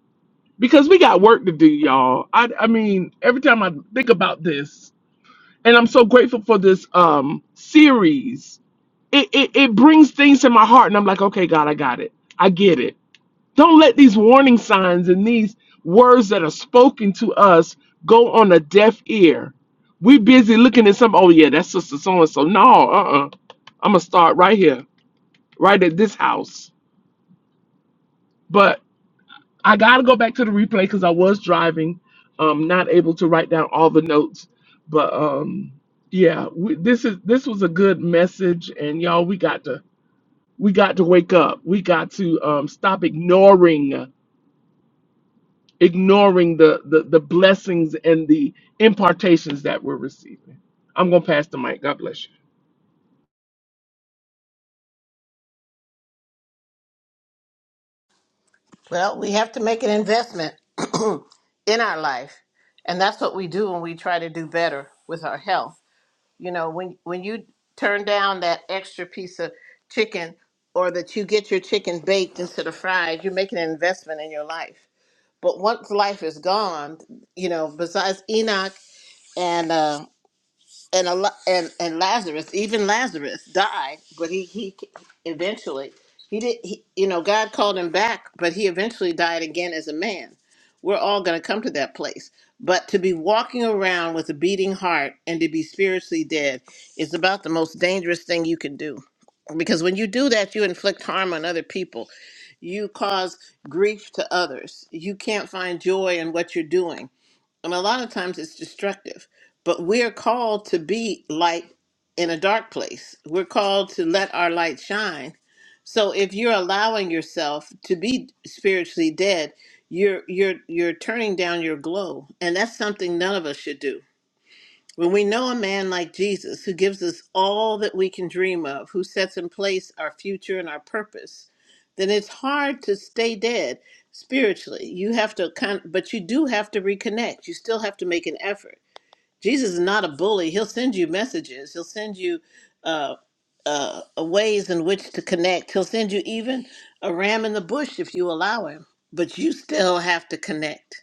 because we got work to do, y'all. I, I mean, every time I think about this, and I'm so grateful for this um series. It, it it brings things to my heart, and I'm like, okay, God, I got it. I get it. Don't let these warning signs and these words that are spoken to us go on a deaf ear. we busy looking at some, oh yeah, that's sister so and so. No, uh uh. I'm going to start right here, right at this house. But I got to go back to the replay because I was driving, um, not able to write down all the notes. But um, yeah, we, this is this was a good message, and y'all, we got to we got to wake up. We got to um, stop ignoring ignoring the, the the blessings and the impartations that we're receiving. I'm gonna pass the mic. God bless you. Well, we have to make an investment in our life, and that's what we do when we try to do better with our health. You know, when when you turn down that extra piece of chicken or that you get your chicken baked instead of fried, you're making an investment in your life. But once life is gone, you know, besides Enoch and uh, and a lo- and and Lazarus, even Lazarus died, but he he eventually he did he, you know God called him back, but he eventually died again as a man. We're all going to come to that place. But to be walking around with a beating heart and to be spiritually dead is about the most dangerous thing you can do. Because when you do that, you inflict harm on other people. You cause grief to others. You can't find joy in what you're doing and a lot of times it's destructive but we're called to be light in a dark place we're called to let our light shine so if you're allowing yourself to be spiritually dead you're you're you're turning down your glow and that's something none of us should do when we know a man like Jesus who gives us all that we can dream of, who sets in place our future and our purpose, then it's hard to stay dead spiritually. You have to kind but you do have to reconnect. You still have to make an effort. Jesus is not a bully. He'll send you messages. He'll send you uh uh, ways in which to connect. He'll send you even a ram in the bush if you allow him, but you still have to connect.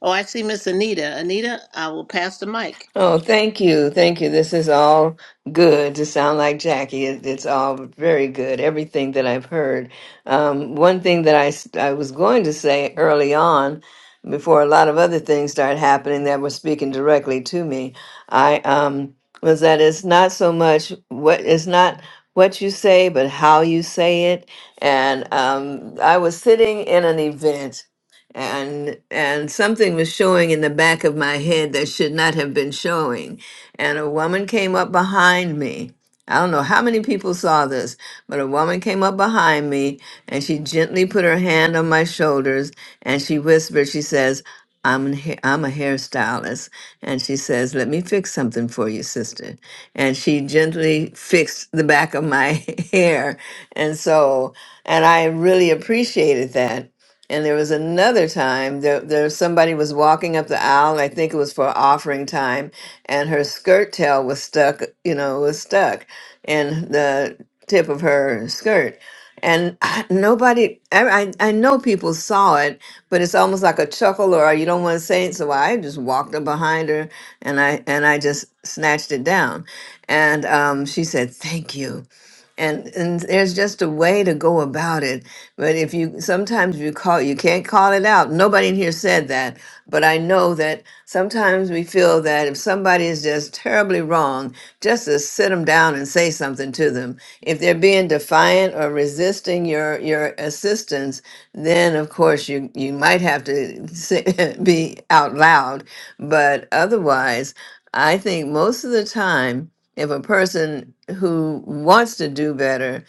Oh, I see Miss Anita. Anita, I will pass the mic. Oh, thank you. Thank you. This is all good to sound like Jackie. It, it's all very good, everything that I've heard. Um, one thing that I, s- I was going to say early on, before a lot of other things started happening that were speaking directly to me, I um, was that it's not so much what it's not what you say, but how you say it. And um, I was sitting in an event and and something was showing in the back of my head that should not have been showing and a woman came up behind me i don't know how many people saw this but a woman came up behind me and she gently put her hand on my shoulders and she whispered she says I'm, an ha- I'm a hairstylist. And she says, Let me fix something for you, sister. And she gently fixed the back of my hair. And so, and I really appreciated that and there was another time there, there somebody was walking up the aisle, and I think it was for offering time, and her skirt tail was stuck, you know, was stuck in the tip of her skirt. And I, nobody, I, I I know people saw it, but it's almost like a chuckle or you don't want to say it. So I just walked up behind her and I and I just snatched it down. And um, she said, "Thank you." and and there's just a way to go about it but if you sometimes you call you can't call it out nobody in here said that but i know that sometimes we feel that if somebody is just terribly wrong just to sit them down and say something to them if they're being defiant or resisting your your assistance then of course you you might have to say, be out loud but otherwise i think most of the time if a person who wants to do better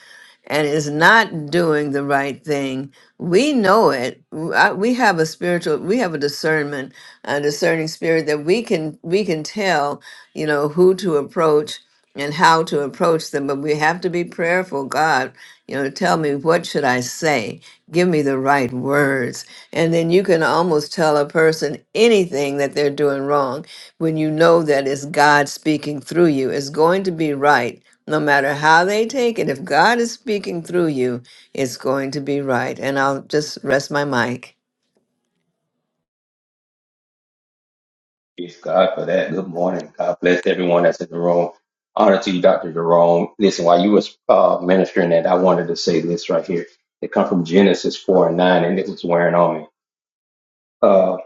and is not doing the right thing, we know it. W- I- We have a spiritual, we have a discernment, a discerning spirit that we can we can tell, you know, who to approach and how to approach them. But we have to be prayerful. God, you know, tell me what should I say? Give me the right words, and then you can almost tell a person anything that they're doing wrong when you know that it's God speaking through you, it's going to be right. No matter how they take it, if God is speaking through you, it's going to be right. And I'll just rest my mic. Praise God for that. Good morning. God bless everyone that's in the room. Honor to you, Dr. Jerome. Listen, while you was uh, ministering that, I wanted to say this right here. It come from Genesis 4 and 9, and it was wearing on me. Uh,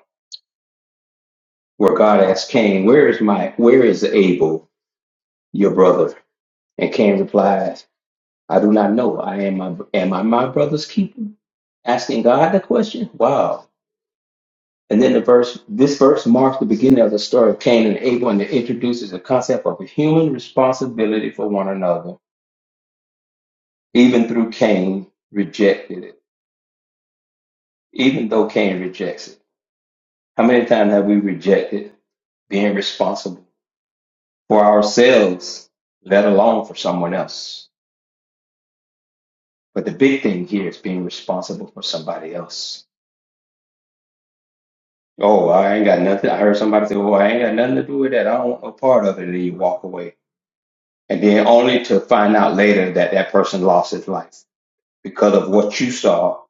where God asked Cain, where is my, where is Abel, your brother? And Cain replies, I do not know. I am my, am I my brother's keeper? Asking God the question? Wow. And then the verse, this verse marks the beginning of the story of Cain and Abel, and it introduces the concept of a human responsibility for one another, even through Cain rejected it, even though Cain rejects it. How many times have we rejected being responsible for ourselves, let alone for someone else? But the big thing here is being responsible for somebody else. Oh, I ain't got nothing. I heard somebody say, Oh, I ain't got nothing to do with that. I don't want no part of it. And then you walk away and then only to find out later that that person lost his life because of what you saw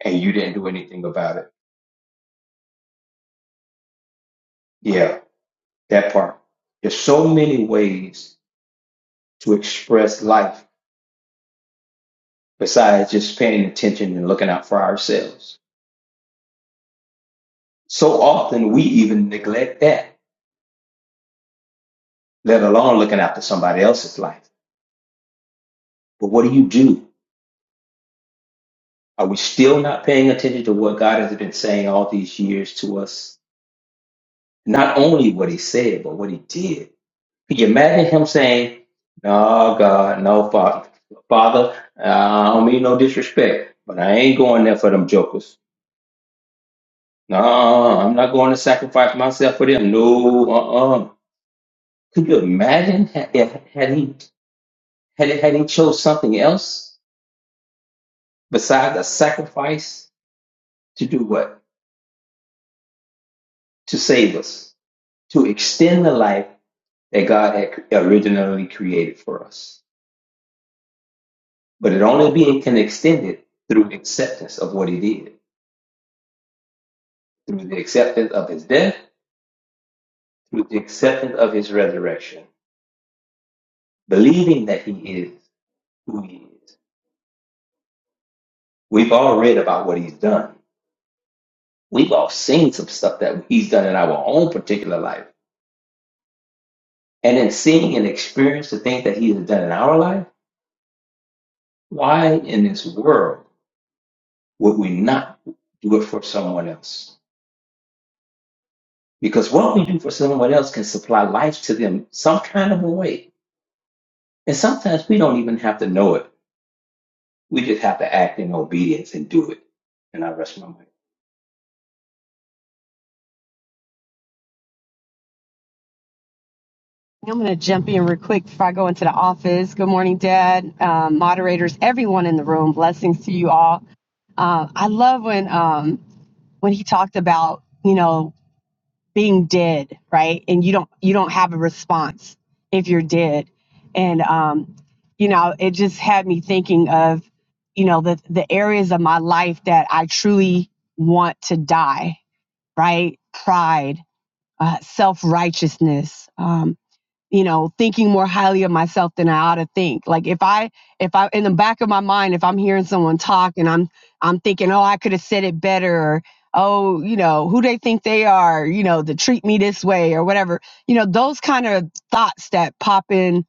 and you didn't do anything about it. Yeah, that part. There's so many ways to express life besides just paying attention and looking out for ourselves. So often we even neglect that, let alone looking out for somebody else's life. But what do you do? Are we still not paying attention to what God has been saying all these years to us? Not only what he said, but what he did Could you imagine him saying, "No, God, no, Father, Father, uh, I don't mean no disrespect, but I ain't going there for them jokers. No, I'm not going to sacrifice myself for them. No, uh, uh Could you imagine ha- if had he had he, had he chose something else besides a sacrifice to do what? To save us, to extend the life that God had originally created for us. But it only being can extend it through acceptance of what He did. through the acceptance of his death, through the acceptance of his resurrection, believing that he is who he is. We've all read about what he's done. We've all seen some stuff that he's done in our own particular life. And in seeing and experience the things that he has done in our life, why in this world would we not do it for someone else? Because what we do for someone else can supply life to them some kind of a way. And sometimes we don't even have to know it We just have to act in obedience and do it. And I rest my mind. I'm going to jump in real quick before I go into the office. Good morning, Dad, um, moderators, everyone in the room. Blessings to you all. Uh, I love when um, when he talked about you know being dead, right? And you don't you don't have a response if you're dead, and um, you know it just had me thinking of you know the the areas of my life that I truly want to die, right? Pride, uh, self righteousness. Um, you know thinking more highly of myself than i ought to think like if i if i in the back of my mind if i'm hearing someone talk and i'm i'm thinking oh i could have said it better or oh you know who they think they are you know to treat me this way or whatever you know those kind of thoughts that pop in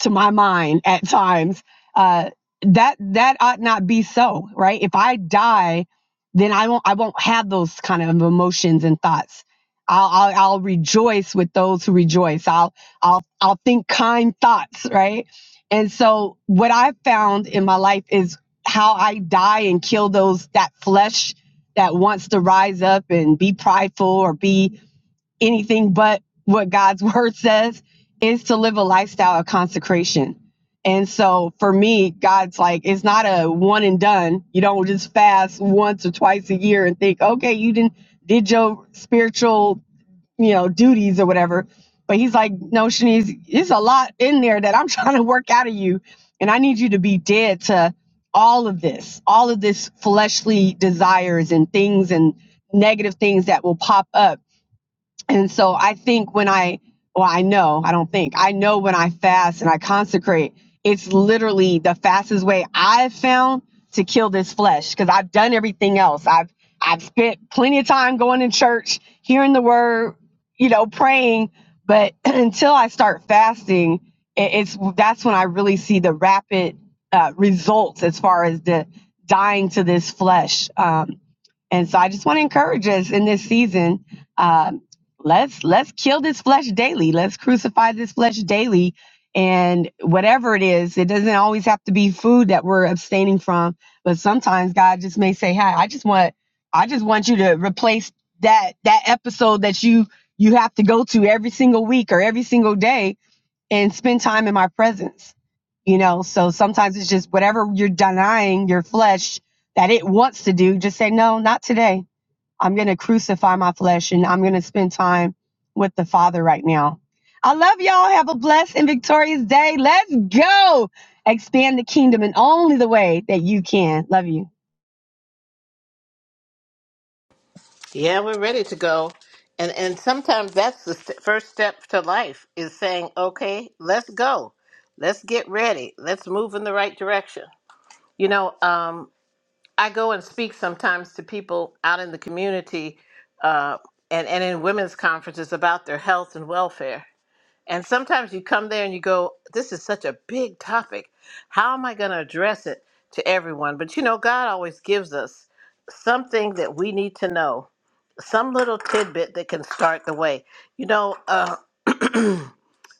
to my mind at times uh that that ought not be so right if i die then i won't i won't have those kind of emotions and thoughts i'll i'll, I'll rejoice with those who rejoice i'll I'll I'll think kind thoughts, right? And so what I've found in my life is how I die and kill those that flesh that wants to rise up and be prideful or be anything but what God's word says is to live a lifestyle of consecration. And so for me, God's like, it's not a one and done. You don't just fast once or twice a year and think, okay, you didn't did your spiritual you know, duties or whatever. But he's like, no, Shanice, it's a lot in there that I'm trying to work out of you. And I need you to be dead to all of this, all of this fleshly desires and things and negative things that will pop up and so I think when I, well, I know, I don't think, I know when I fast and I consecrate, it's literally the fastest way I've found to kill this flesh because I've done everything else. I've, I've spent plenty of time going to church, hearing the word, you know, praying. But until I start fasting, it, it's that's when I really see the rapid uh, results as far as the dying to this flesh. Um, and so I just want to encourage us in this season. Um, let's let's kill this flesh daily. Let's crucify this flesh daily. And whatever it is, it doesn't always have to be food that we're abstaining from. But sometimes God just may say, "Hi, I just want I just want you to replace that that episode that you you have to go to every single week or every single day and spend time in my presence. You know, so sometimes it's just whatever you're denying your flesh that it wants to do, just say, no, not today. I'm going to crucify my flesh and I'm going to spend time with the Father right now. I love y'all. Have a blessed and victorious day. Let's go expand the kingdom in only the way that you can. Love you. Yeah, we're ready to go. And and sometimes that's the st- first step to life is saying, "Okay, let's go. Let's get ready. Let's move in the right direction." You know, um I go and speak sometimes to people out in the community uh and and in women's conferences about their health and welfare. And sometimes you come there and you go, "This is such a big topic. How am I going to address it to everyone?" But you know, God always gives us something that we need to know some little tidbit that can start the way. You know, uh,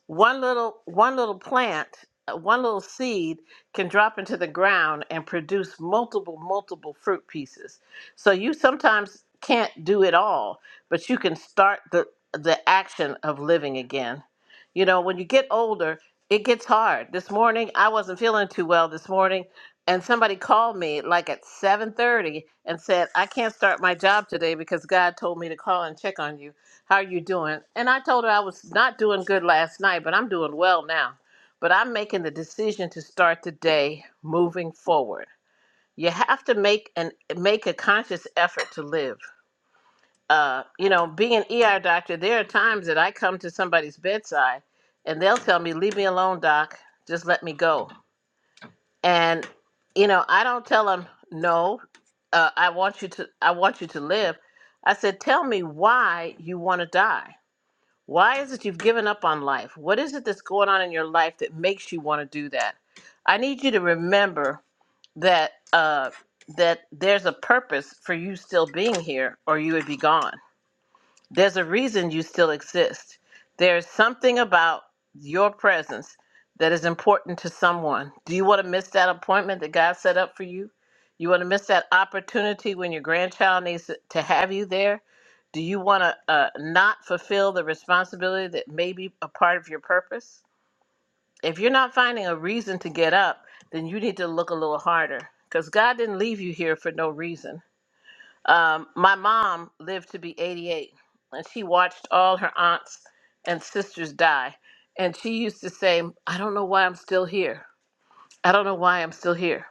one little one little plant, uh, one little seed can drop into the ground and produce multiple multiple fruit pieces. So you sometimes can't do it all, but you can start the the action of living again. You know, when you get older, it gets hard. This morning I wasn't feeling too well this morning and somebody called me like at 7:30 and said, "I can't start my job today because God told me to call and check on you." How are you doing? And I told her I was not doing good last night, but I'm doing well now. But I'm making the decision to start the day moving forward. You have to make an make a conscious effort to live. Uh, you know, being an ER doctor, there are times that I come to somebody's bedside and they'll tell me, "Leave me alone, doc. Just let me go." And you know, I don't tell them, "No, uh, I want you to I want you to live." I said, "Tell me why you want to die." Why is it you've given up on life? What is it that's going on in your life that makes you want to do that? I need you to remember that uh, that there's a purpose for you still being here, or you would be gone. There's a reason you still exist. There's something about your presence that is important to someone. Do you want to miss that appointment that God set up for you? You want to miss that opportunity when your grandchild needs to have you there? Do you want to uh, not fulfill the responsibility that may be a part of your purpose? If you're not finding a reason to get up, then you need to look a little harder because God didn't leave you here for no reason. Um, my mom lived to be 88, and she watched all her aunts and sisters die. And she used to say, I don't know why I'm still here. I don't know why I'm still here.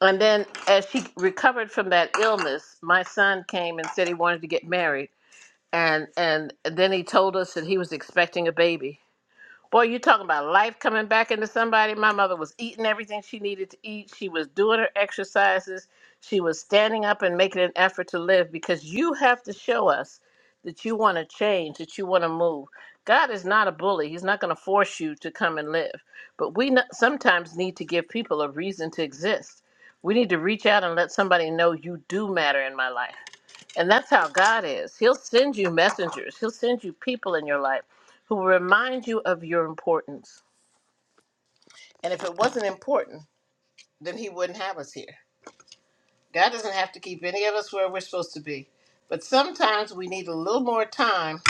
And then, as she recovered from that illness, my son came and said he wanted to get married. And, and then he told us that he was expecting a baby Boy, you talking about life coming back into somebody. My mother was eating everything she needed to eat. She was doing her exercises. She was standing up and making an effort to live because you have to show us that you want to change, that you want to move. God is not a bully. He's not going to force you to come and live. But we no- sometimes need to give people a reason to exist. We need to reach out and let somebody know you do matter in my life. And that's how God is. He'll send you messengers, He'll send you people in your life who will remind you of your importance. And if it wasn't important, then He wouldn't have us here. God doesn't have to keep any of us where we're supposed to be. But sometimes we need a little more time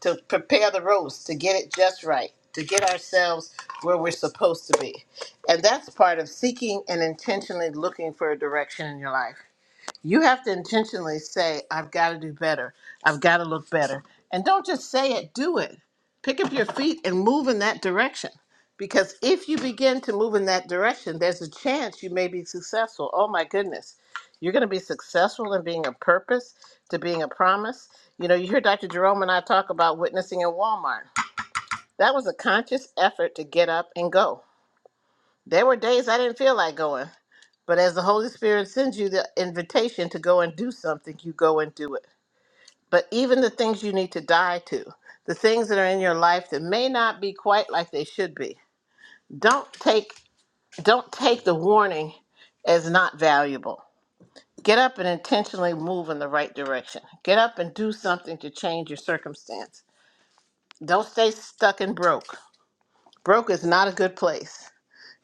to prepare the roast, to get it just right, to get ourselves where we're supposed to be. And that's part of seeking and intentionally looking for a direction in your life. You have to intentionally say, I've got to do better. I've got to look better. And don't just say it, do it. Pick up your feet and move in that direction. Because if you begin to move in that direction, there's a chance you may be successful. Oh my goodness. You're going to be successful in being a purpose, to being a promise. You know, you hear Dr. Jerome and I talk about witnessing in Walmart. That was a conscious effort to get up and go. There were days I didn't feel like going. But as the Holy Spirit sends you the invitation to go and do something, you go and do it. But even the things you need to die to, the things that are in your life that may not be quite like they should be, don't take don't take the warning as not valuable. Get up and intentionally move in the right direction. Get up and do something to change your circumstance. Don't stay stuck and broke. Broke is not a good place.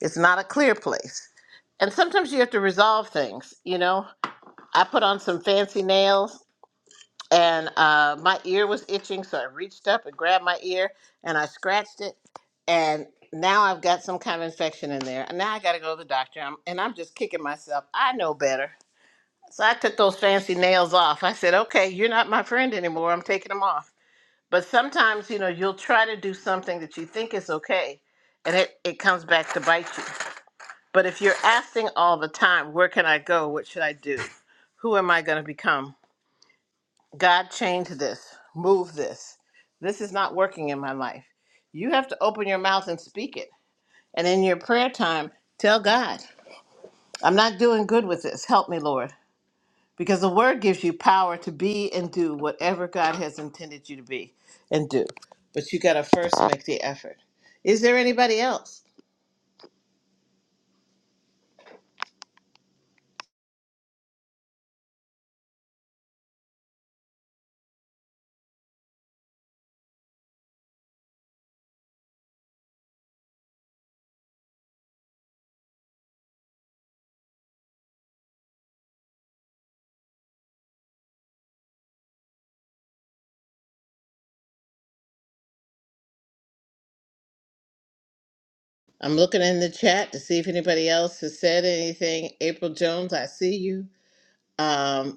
It's not a clear place. And sometimes you have to resolve things, you know. I put on some fancy nails and uh, my ear was itching, so I reached up and grabbed my ear and I scratched it, and now I've got some kind of infection in there. And now I got to go to the doctor, I'm, and I'm just kicking myself. I know better, so I took those fancy nails off. I said, "Okay, you're not my friend anymore. I'm taking them off." But sometimes, you know, you'll try to do something that you think is okay, and it it comes back to bite you. But if you're asking all the time, "Where can I go? What should I do? Who am I going to become?" God change this, move this. This is not working in my life. You have to open your mouth and speak it. And in your prayer time, tell God, I'm not doing good with this. Help me, Lord. Because the word gives you power to be and do whatever God has intended you to be and do. But you got to first make the effort. Is there anybody else? I'm looking in the chat to see if anybody else has said anything. April Jones, I see you. Um,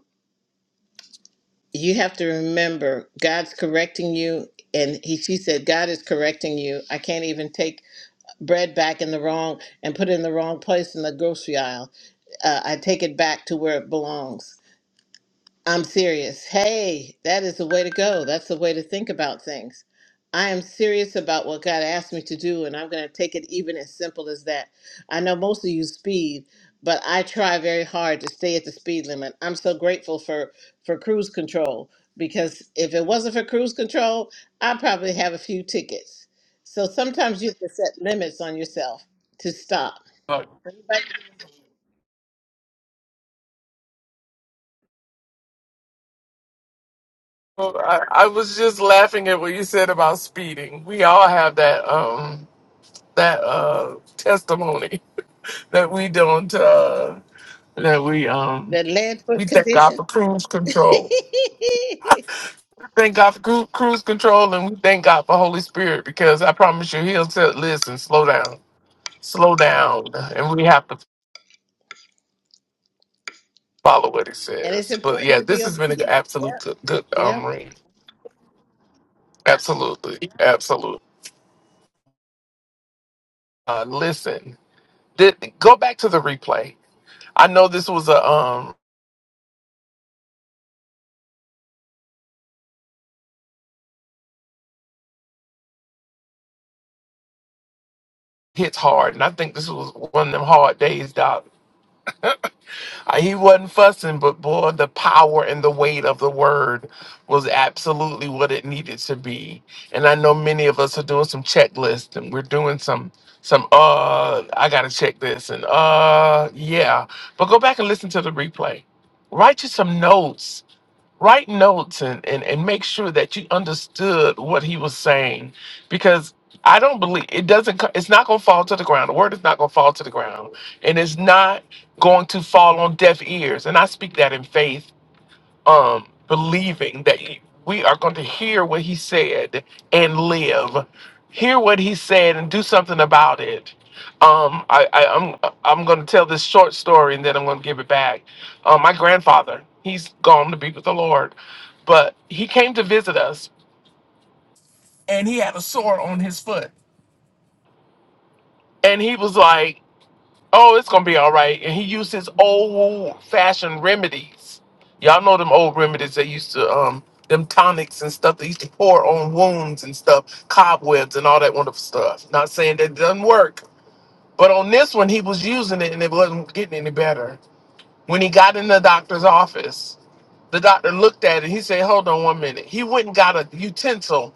you have to remember God's correcting you and he she said God is correcting you. I can't even take bread back in the wrong and put it in the wrong place in the grocery aisle. Uh, I take it back to where it belongs. I'm serious. Hey, that is the way to go. That's the way to think about things. I am serious about what God asked me to do, and I'm going to take it even as simple as that. I know most of you speed, but I try very hard to stay at the speed limit. I'm so grateful for for cruise control because if it wasn't for cruise control, I'd probably have a few tickets. So sometimes you have to set limits on yourself to stop. Uh, Anybody Well, I, I was just laughing at what you said about speeding. We all have that um that uh testimony that we don't uh that we um that land we foot thank God condition. for cruise control. Thank God for cru- cruise control, and we thank God for Holy Spirit because I promise you, He'll say, "Listen, slow down, slow down," and we have to follow what it And it's says. But important yeah, to be this has been an obedient. absolute Yep. good, good um Yep. read. Absolutely, absolutely. Uh, listen, th- go back to the replay. I know this was a um hits hard, and I think this was one of them hard days, Doc. Uh, He wasn't fussing, but boy, the power and the weight of the word was absolutely what it needed to be. And I know many of us are doing some checklists and we're doing some some uh I gotta check this and uh yeah. But go back and listen to the replay. Write you some notes write notes and, and, and make sure that you understood what he was saying because i don't believe it doesn't co- it's not going to fall to the ground the word is not going to fall to the ground and it's not going to fall on deaf ears and i speak that in faith um, believing that he- we are going to hear what he said and live, hear what he said and do something about it. Um, I, I, I'm I'm going to tell this short story and then I'm going to give it back. Um, my grandfather, he's gone to be with the Lord, but he came to visit us and he had a sore on his foot, and he was like. Oh, it's gonna be all right. And he used his old fashioned remedies. Y'all know them old remedies they used to um them tonics and stuff they used to pour on wounds and stuff, cobwebs and all that wonderful stuff. Not saying that it doesn't work, but on this one he was using it and it wasn't getting any better. When he got in the doctor's office, the doctor looked at it. He said, "Hold on one minute." He went and got a utensil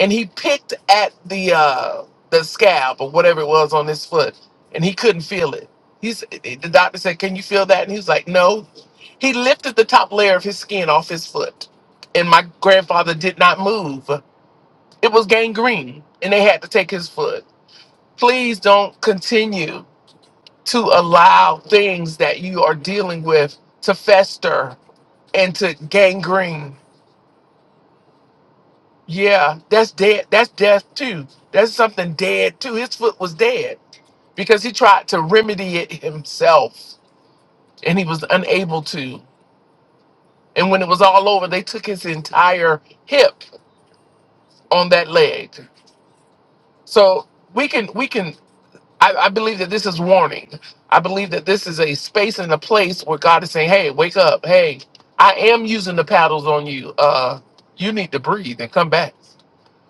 and he picked at the uh the scab or whatever it was on his foot and he couldn't feel it he's the doctor said can you feel that and he was like no he lifted the top layer of his skin off his foot and my grandfather did not move it was gangrene and they had to take his foot please don't continue to allow things that you are dealing with to fester and to gangrene Yeah, that's dead. That's death too. That's something dead too. His foot was dead because he tried to remedy it himself and he was unable to. And when it was all over, they took his entire hip on that leg. So we can, we can, I, I believe that this is warning. I believe that this is a space and a place where God is saying, hey, wake up. Hey, I am using the paddles on you. Uh, you need to breathe and come back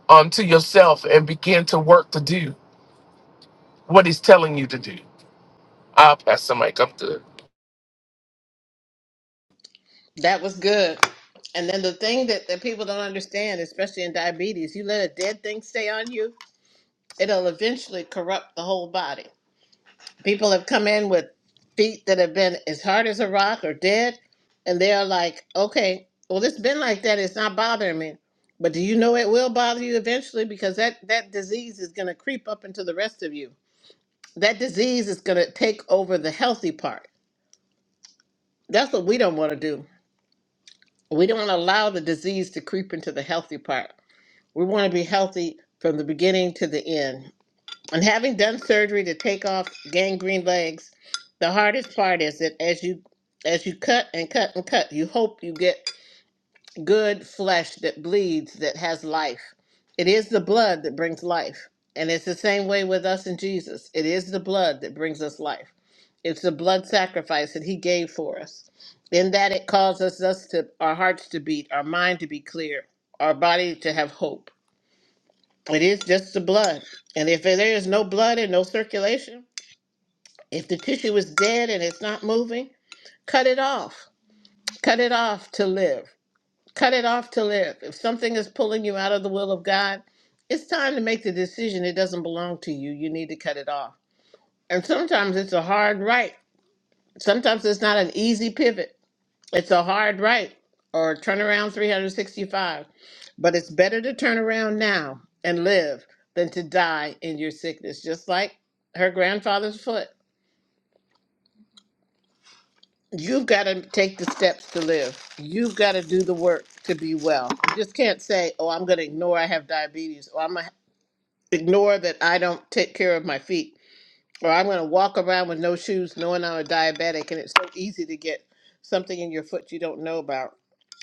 um, to yourself and begin to work to do. what he's telling you to do. I'll pass the mic. I'm good. That was good. And then the thing that, that people don't understand, especially in diabetes, you let a dead thing stay on you, it'll eventually corrupt the whole body. People have come in with feet that have been as hard as a rock or dead, and they're like, okay, well, it's been like that. It's not bothering me. But do you know it will bother you eventually? Because that, that disease is going to creep up into the rest of you. That disease is going to take over the healthy part. That's what we don't want to do we don't want to allow the disease to creep into the healthy part. We want to be healthy from the beginning to the end. And having done surgery to take off gangrene legs, the hardest part is that as you as you cut and cut and cut, you hope you get good flesh that bleeds, that has life. It is the blood that brings life. And it's the same way with us and Jesus. It is the blood that brings us life. It's the blood sacrifice that he gave for us. In that it causes us to our hearts to beat, our mind to be clear, our body to have hope. It is just the blood. And if there is no blood and no circulation, if the tissue is dead and it's not moving, cut it off. Cut it off to live Cut it off to live. If something is pulling you out of the will of God, it's time to make the decision it doesn't belong to you. You need to cut it off. And sometimes it's a hard right. Sometimes it's not an easy pivot. It's a hard right or turn around 365. But it's better to turn around now and live than to die in your sickness, just like her grandfather's foot. You've got to take the steps to live. You've got to do the work to be well. You just can't say, oh, I'm going to ignore I have diabetes or I'm going to ignore that I don't take care of my feet, or I'm going to walk around with no shoes knowing I'm a diabetic, and it's so easy to get something in your foot you don't know about.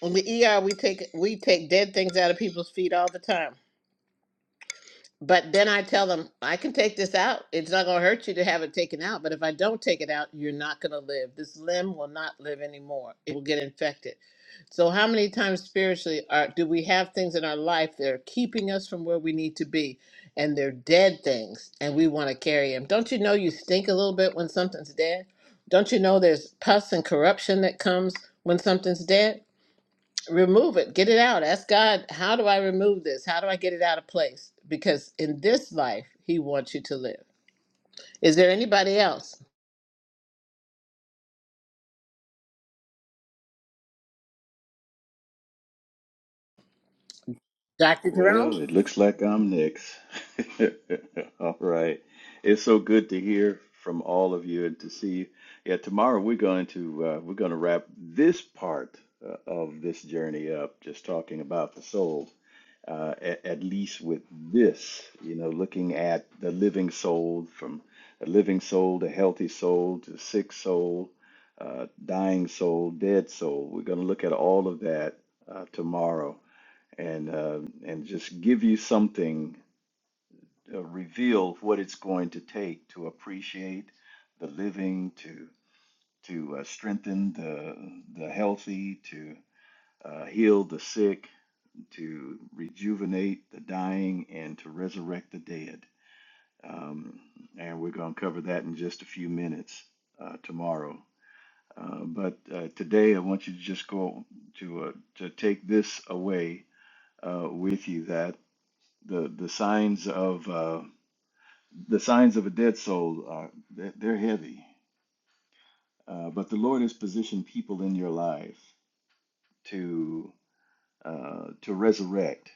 In the ER, we take we take dead things out of people's feet all the time. But then I tell them, I can take this out. It's not going to hurt you to have it taken out. But if I don't take it out, you're not going to live. This limb will not live anymore. It will get infected. So, how many times spiritually are, do we have things in our life that are keeping us from where we need to be? And they're dead things, and we want to carry them. Don't you know you stink a little bit when something's dead? Don't you know there's pus and corruption that comes when something's dead? remove it get it out ask god how do i remove this how do i get it out of place because in this life he wants you to live is there anybody else dr jerome Well, it looks like I'm next. All right. It's so good to hear from all of you and to see you. Yeah, tomorrow we're going to uh, we're going to wrap this part uh, of this journey up, just talking about the soul. uh, at, at least with this, you know, looking at the living soul from a living soul to healthy soul to sick soul, uh, dying soul, dead soul. We're going to look at all of that uh, tomorrow and uh, and just give you something, uh, reveal what it's going to take to appreciate the living, to to uh, strengthen the the healthy, to uh, heal the sick, to rejuvenate the dying and to resurrect the dead. Um, and we're going to cover that in just a few minutes uh, tomorrow. Uh, but uh, today, I want you to just go to uh, to take this away uh, with you that the the signs of uh, the signs of a dead soul are they're, they're heavy, uh, but the Lord has positioned people in your life to uh, to resurrect,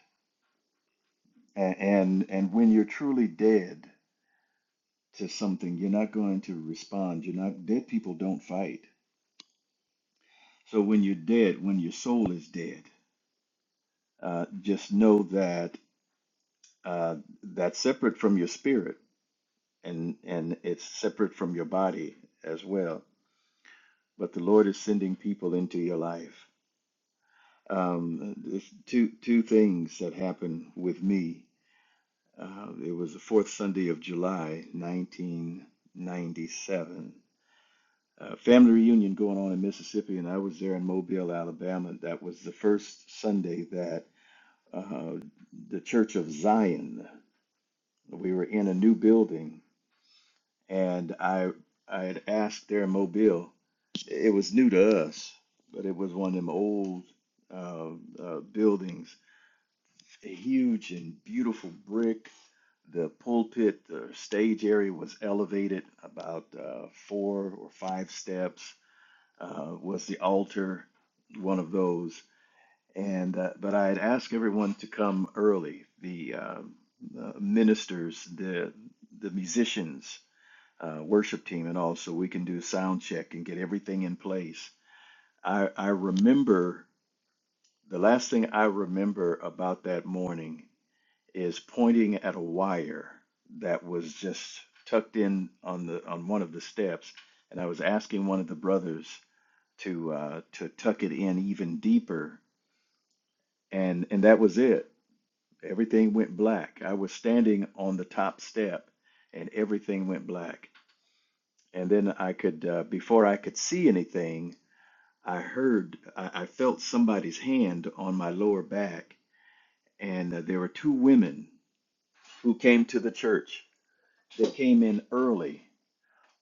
and, and and when you're truly dead to something, you're not going to respond. You're not, dead people don't fight. So when you're dead, when your soul is dead, uh, just know that uh, that's separate from your spirit and, and it's separate from your body as well. But the Lord is sending people into your life. Um, there's two, two things that happened with me. Uh, it was the fourth Sunday of July, 1997 uh, family reunion going on in Mississippi, and I was there in Mobile, Alabama. That was the first Sunday that uh, the Church of Zion. We were in a new building, and I I had asked there in Mobile. It was new to us, but it was one of them old uh, uh, buildings, huge and beautiful brick. The pulpit, the stage area was elevated about uh, four or five steps uh, was the altar, one of those. And uh, but I had asked everyone to come early. The, um, the ministers, the the musicians, uh, worship team, and all, so we can do sound check and get everything in place. I I remember the last thing I remember about that morning is pointing at a wire that was just tucked in on the on one of the steps, and I was asking one of the brothers to uh, to tuck it in even deeper, and and that was it. Everything went black. I was standing on the top step, and everything went black. And then I could, uh, before I could see anything, I heard, I, I felt somebody's hand on my lower back, and uh, there were two women who came to the church. They came in early,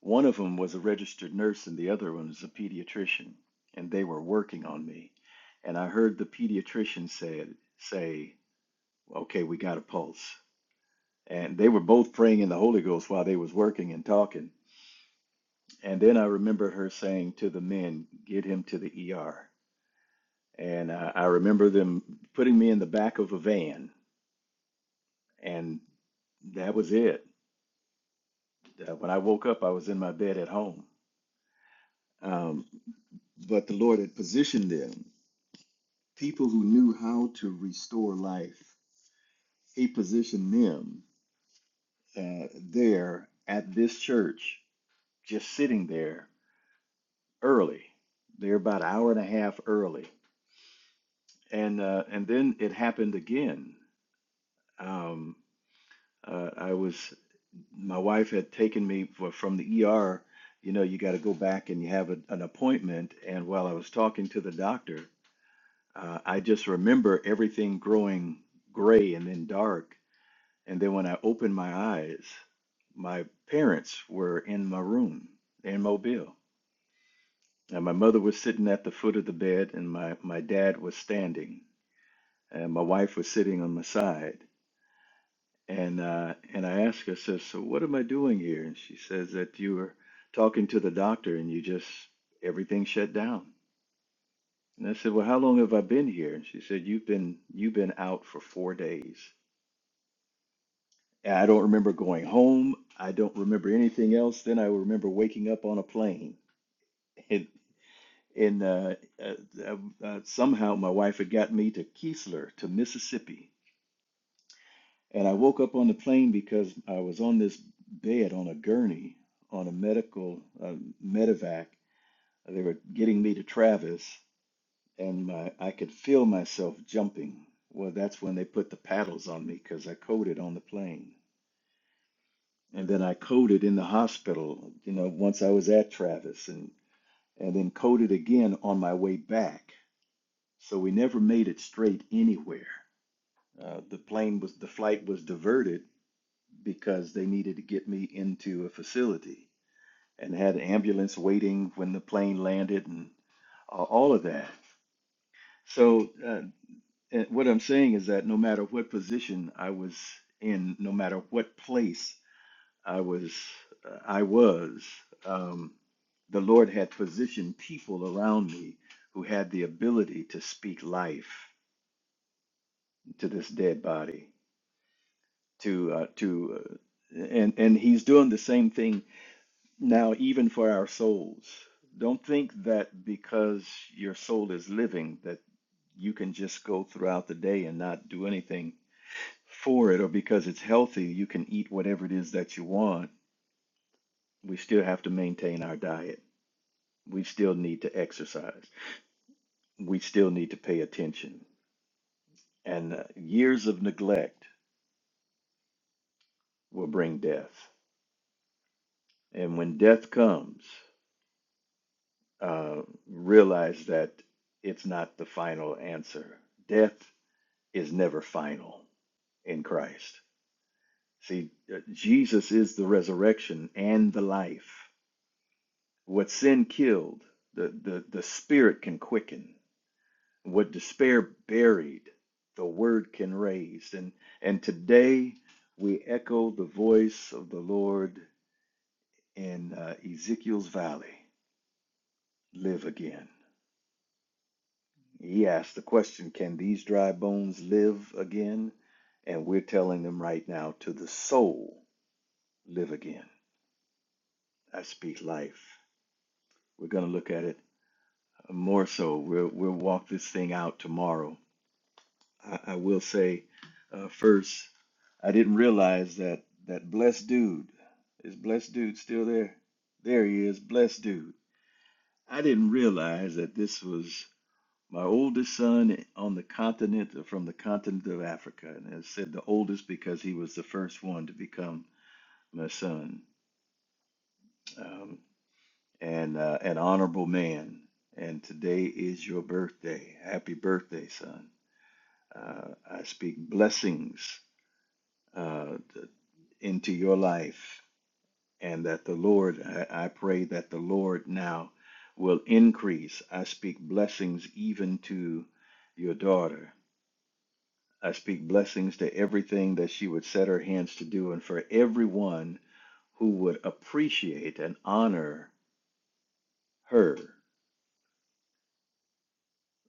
One of them was a registered nurse and the other one was a pediatrician, and they were working on me. And I heard the pediatrician said say, "Okay, we got a pulse." And they were both praying in the Holy Ghost while they was working and talking. And then I remembered her saying to the men, "Get him to the ER." And I, I remember them putting me in the back of a van, and that was it. Uh, when I woke up, I was in my bed at home. Um, but the Lord had positioned them. people who knew how to restore life. He positioned them uh, there at this church, just sitting there early. They're about an hour and a half early, and uh, and then it happened again. Um, uh, I was my wife had taken me for, from the ER. You know, you got to go back and you have a, an appointment. And while I was talking to the doctor, uh, I just remember everything growing gray and then dark And then when I opened my eyes, my parents were in my room in Mobile. And my mother was sitting at the foot of the bed, and my, my dad was standing, and my wife was sitting on my side. And uh, and I asked her, I says, so what am I doing here? And she says that you were talking to the doctor, and you just everything shut down. And I said, well, how long have I been here? And she said, you've been you've been out for four days. And I don't remember going home. I don't remember anything else. Then I remember waking up on a plane. And, and uh, uh, uh, uh, somehow my wife had got me to Keesler, to Mississippi. And I woke up on the plane because I was on this bed on a gurney on a medical uh, medevac. They were getting me to Travis, and my, I could feel myself jumping. Well, that's when they put the paddles on me because I coded on the plane. and then I coded in the hospital, you know, once I was at Travis and and then coded again on my way back. So we never made it straight anywhere. Uh, the plane was the flight was diverted because they needed to get me into a facility and had an ambulance waiting when the plane landed and uh, all of that. So uh, and what I'm saying is that no matter what position I was in, no matter what place I was, uh, I was, um, the Lord had positioned people around me who had the ability to speak life to this dead body. To, uh, to, uh, and and He's doing the same thing now, even for our souls. Don't think that because your soul is living that you can just go throughout the day and not do anything for it, or because it's healthy you can eat whatever it is that you want. We still have to maintain our diet we still need to exercise. We still need to pay attention. And uh, years of neglect will bring death. And when death comes, uh, realize that it's not the final answer. Death is never final in Christ. See, uh, Jesus is the resurrection and the life. What sin killed, the, the, the spirit can quicken what despair buried, the word can raise. And and today we echo the voice of the Lord in uh, Ezekiel's valley. Live again. He asked the question, "Can these dry bones live again?" And we're telling them right now, to the soul, live again. I speak life. We're going to look at it more so. We'll we'll walk this thing out tomorrow I, I will say uh, first, I didn't realize that that blessed dude is blessed dude still there. There he is, blessed dude. I didn't realize that this was my oldest son on the continent from the continent of Africa, and I said the oldest because he was the first one to become my son, um, and uh, an honorable man. And today is your birthday. Happy birthday, son. Uh, I speak blessings. uh, into your life, and that the Lord, I, I pray that the Lord now will increase. I speak blessings even to your daughter. I speak blessings to everything that she would set her hands to do, and for everyone who would appreciate and honor her.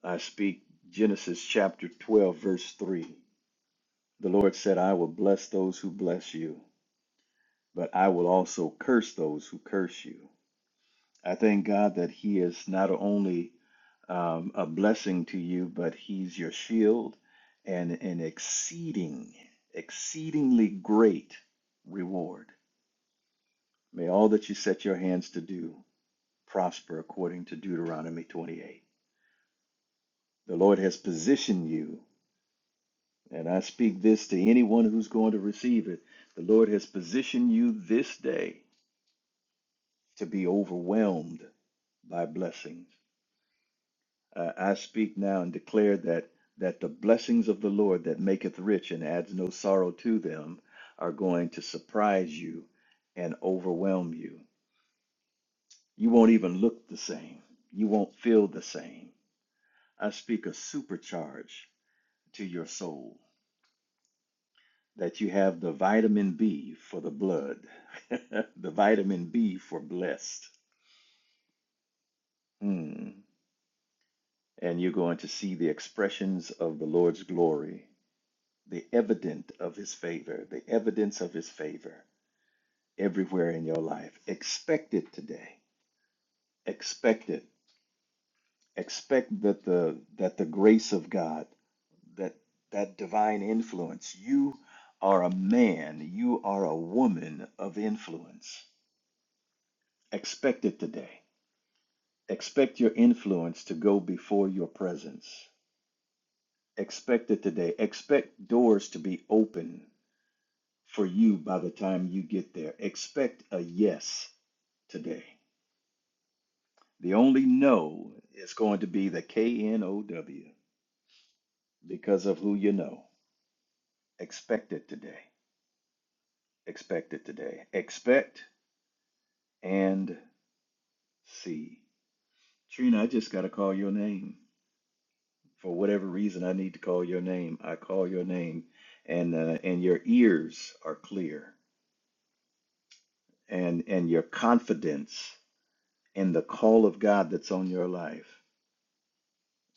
I speak Genesis chapter 12, verse 3. The Lord said, I will bless those who bless you, but I will also curse those who curse you. I thank God that He is not only um, a blessing to you, but He's your shield and an exceeding, exceedingly great reward. May all that you set your hands to do prosper according to Deuteronomy 28. The Lord has positioned you, and I speak this to anyone who's going to receive it. The Lord has positioned you this day to be overwhelmed by blessings Uh, I speak now and declare that that the blessings of the Lord that maketh rich and adds no sorrow to them are going to surprise you and overwhelm you. You won't even look the same. You won't feel the same. I speak a supercharge to your soul that you have the vitamin B for the blood, the vitamin B for blessed. Mm. And you're going to see the expressions of the Lord's glory the evident of his favor, the evidence of his favor everywhere in your life. Expect it today. Expect it. Expect that the that the grace of God, that that divine influence. You are a man, you are a woman of influence. Expect it today. Expect your influence to go before your presence. Expect it today. Expect doors to be open for you by the time you get there. Expect a yes today. The only no is going to be the K N O W because of who you know. Expect it today. Expect it today. Expect and see. Trina, I just got to call your name. For whatever reason, I need to call your name. I call your name, and uh, and your ears are clear, and and your confidence in the call of God that's on your life.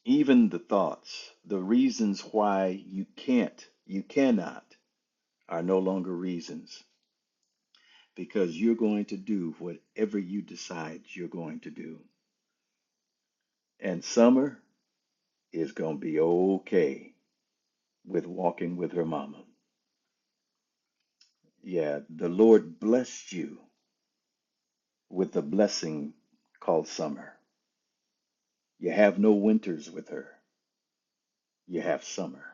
Even the thoughts, the reasons why you can't, you cannot are no longer reasons because you're going to do whatever you decide you're going to do. And Summer is going to be okay with walking with her mama. Yeah, the Lord blessed you with a blessing called summer. You have no winters with her, you have summer.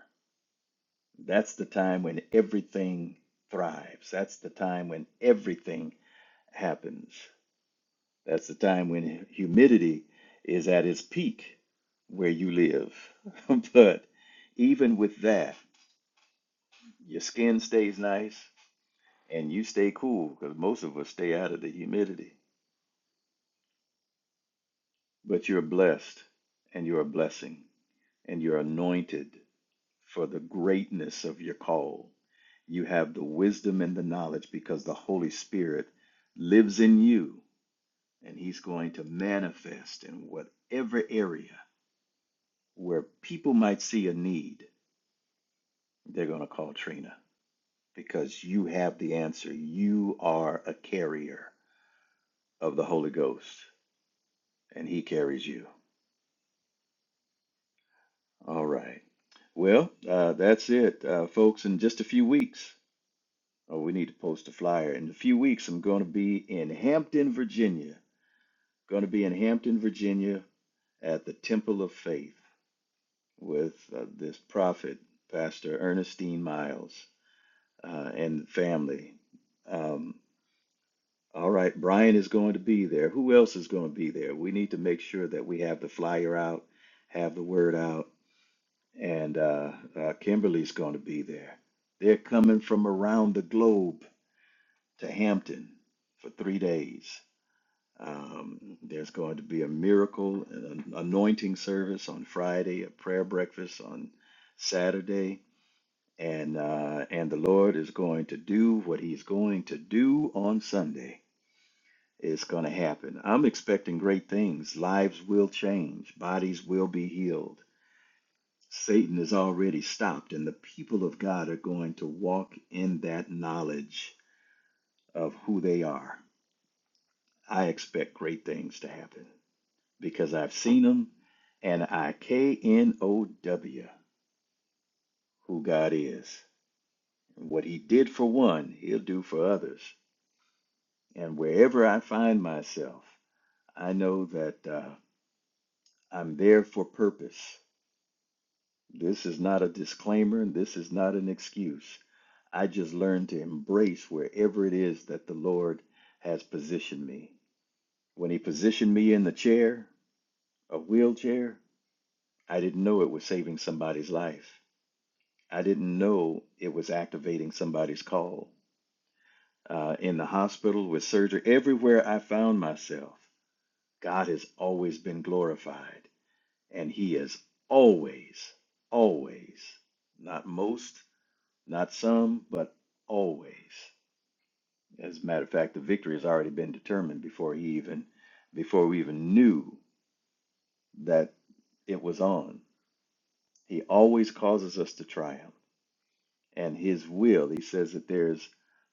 That's the time when everything thrives, that's the time when everything happens. That's the time when humidity is at its peak where you live. but even with that, your skin stays nice and you stay cool because most of us stay out of the humidity. But you're blessed and you're a blessing and you're anointed for the greatness of your call. You have the wisdom and the knowledge because the Holy Spirit lives in you and He's going to manifest in whatever area where people might see a need, they're going to call Trina because you have the answer. You are a carrier of the Holy Ghost, and He carries you. All right. Well, uh, that's it, uh, folks. In just a few weeks, oh, we need to post a flyer. In a few weeks, I'm going to be in Hampton, Virginia. Going to be in Hampton, Virginia at the Temple of Faith with uh, this prophet, Pastor Ernestine Miles, uh, and family. Um, All right, Brian is going to be there. Who else is going to be there? We need to make sure that we have the flyer out, have the word out, and uh, uh, Kimberly's going to be there. They're coming from around the globe to Hampton for three days. Um, there's going to be a miracle, an anointing service on Friday, a prayer breakfast on Saturday, and uh, and the Lord is going to do what He's going to do on Sunday. It's going to happen. I'm expecting great things. Lives will change, bodies will be healed. Satan is already stopped, and the people of God are going to walk in that knowledge of who they are. I expect great things to happen because I've seen them and I K N O W who God is. and What He did for one, He'll do for others. And wherever I find myself, I know that uh, I'm there for purpose This is not a disclaimer. This is not an excuse. I just learned to embrace wherever it is that the Lord has positioned me. When He positioned me in the chair, a wheelchair, I didn't know it was saving somebody's life. I didn't know it was activating somebody's call. Uh, in the hospital, with surgery, everywhere I found myself, God has always been glorified. And He is always, always, not most, Not some, but always. As a matter of fact, the victory has already been determined before he even before we even knew that it was on. He always causes us to triumph. And his will, he says that there's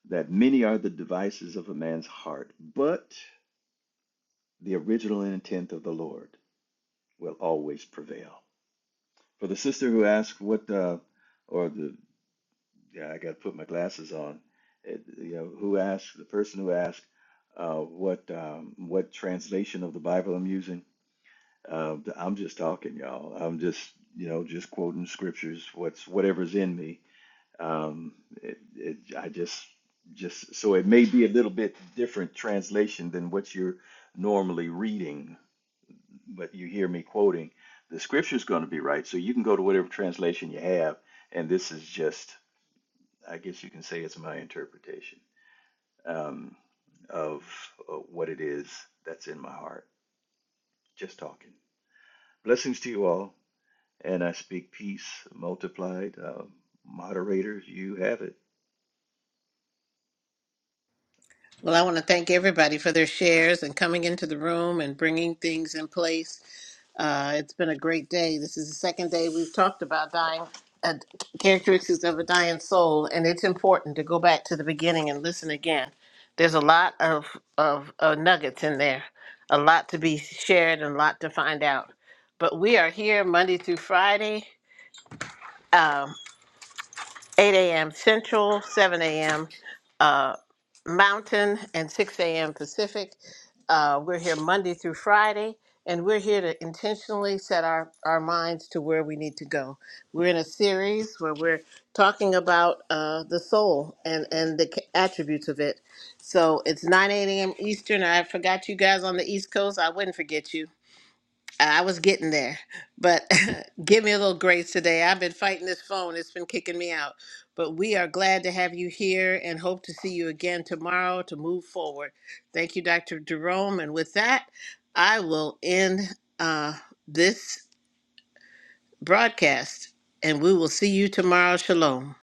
that many are the devices of a man's heart, but the original intent of the Lord will always prevail. For the sister who asked what uh, or the Yeah, I got to put my glasses on. It, you know, who asked, the person who asked uh, what um, what translation of the Bible I'm using. Uh, I'm just talking, y'all. I'm just, you know, just quoting scriptures, what's whatever's in me. Um, it, it, I just, just so it may be a little bit different translation than what you're normally reading, but you hear me quoting. The scripture's going to be right, so you can go to whatever translation you have, and this is just. I guess you can say it's my interpretation um, of uh, what it is that's in my heart. Just talking. Blessings to you all. And I speak peace multiplied. Uh, moderators, you have it. Well, I want to thank everybody for their shares and coming into the room and bringing things in place. Uh, it's been a great day. This is the second day we've talked about dying, uh, characteristics of a dying soul, and it's important to go back to the beginning and listen again. There's a lot of, of uh, nuggets in there, a lot to be shared and a lot to find out. But we are here Monday through Friday. um, 8 a.m. Central, 7 a.m. Uh, Mountain, and 6 a.m. Pacific. Uh, we're here Monday through Friday, and we're here to intentionally set our, our minds to where we need to go. We're in a series where we're talking about uh, the soul and, and the ca- attributes of it. So it's 9 8 a.m. Eastern. I forgot you guys on the East Coast. I wouldn't forget you I was getting there, but give me a little grace today. I've been fighting this phone, it's been kicking me out. But we are glad to have you here and hope to see you again tomorrow to move forward. Thank you, Dr. Jerome. And with that, I will end uh, this broadcast and we will see you tomorrow. Shalom.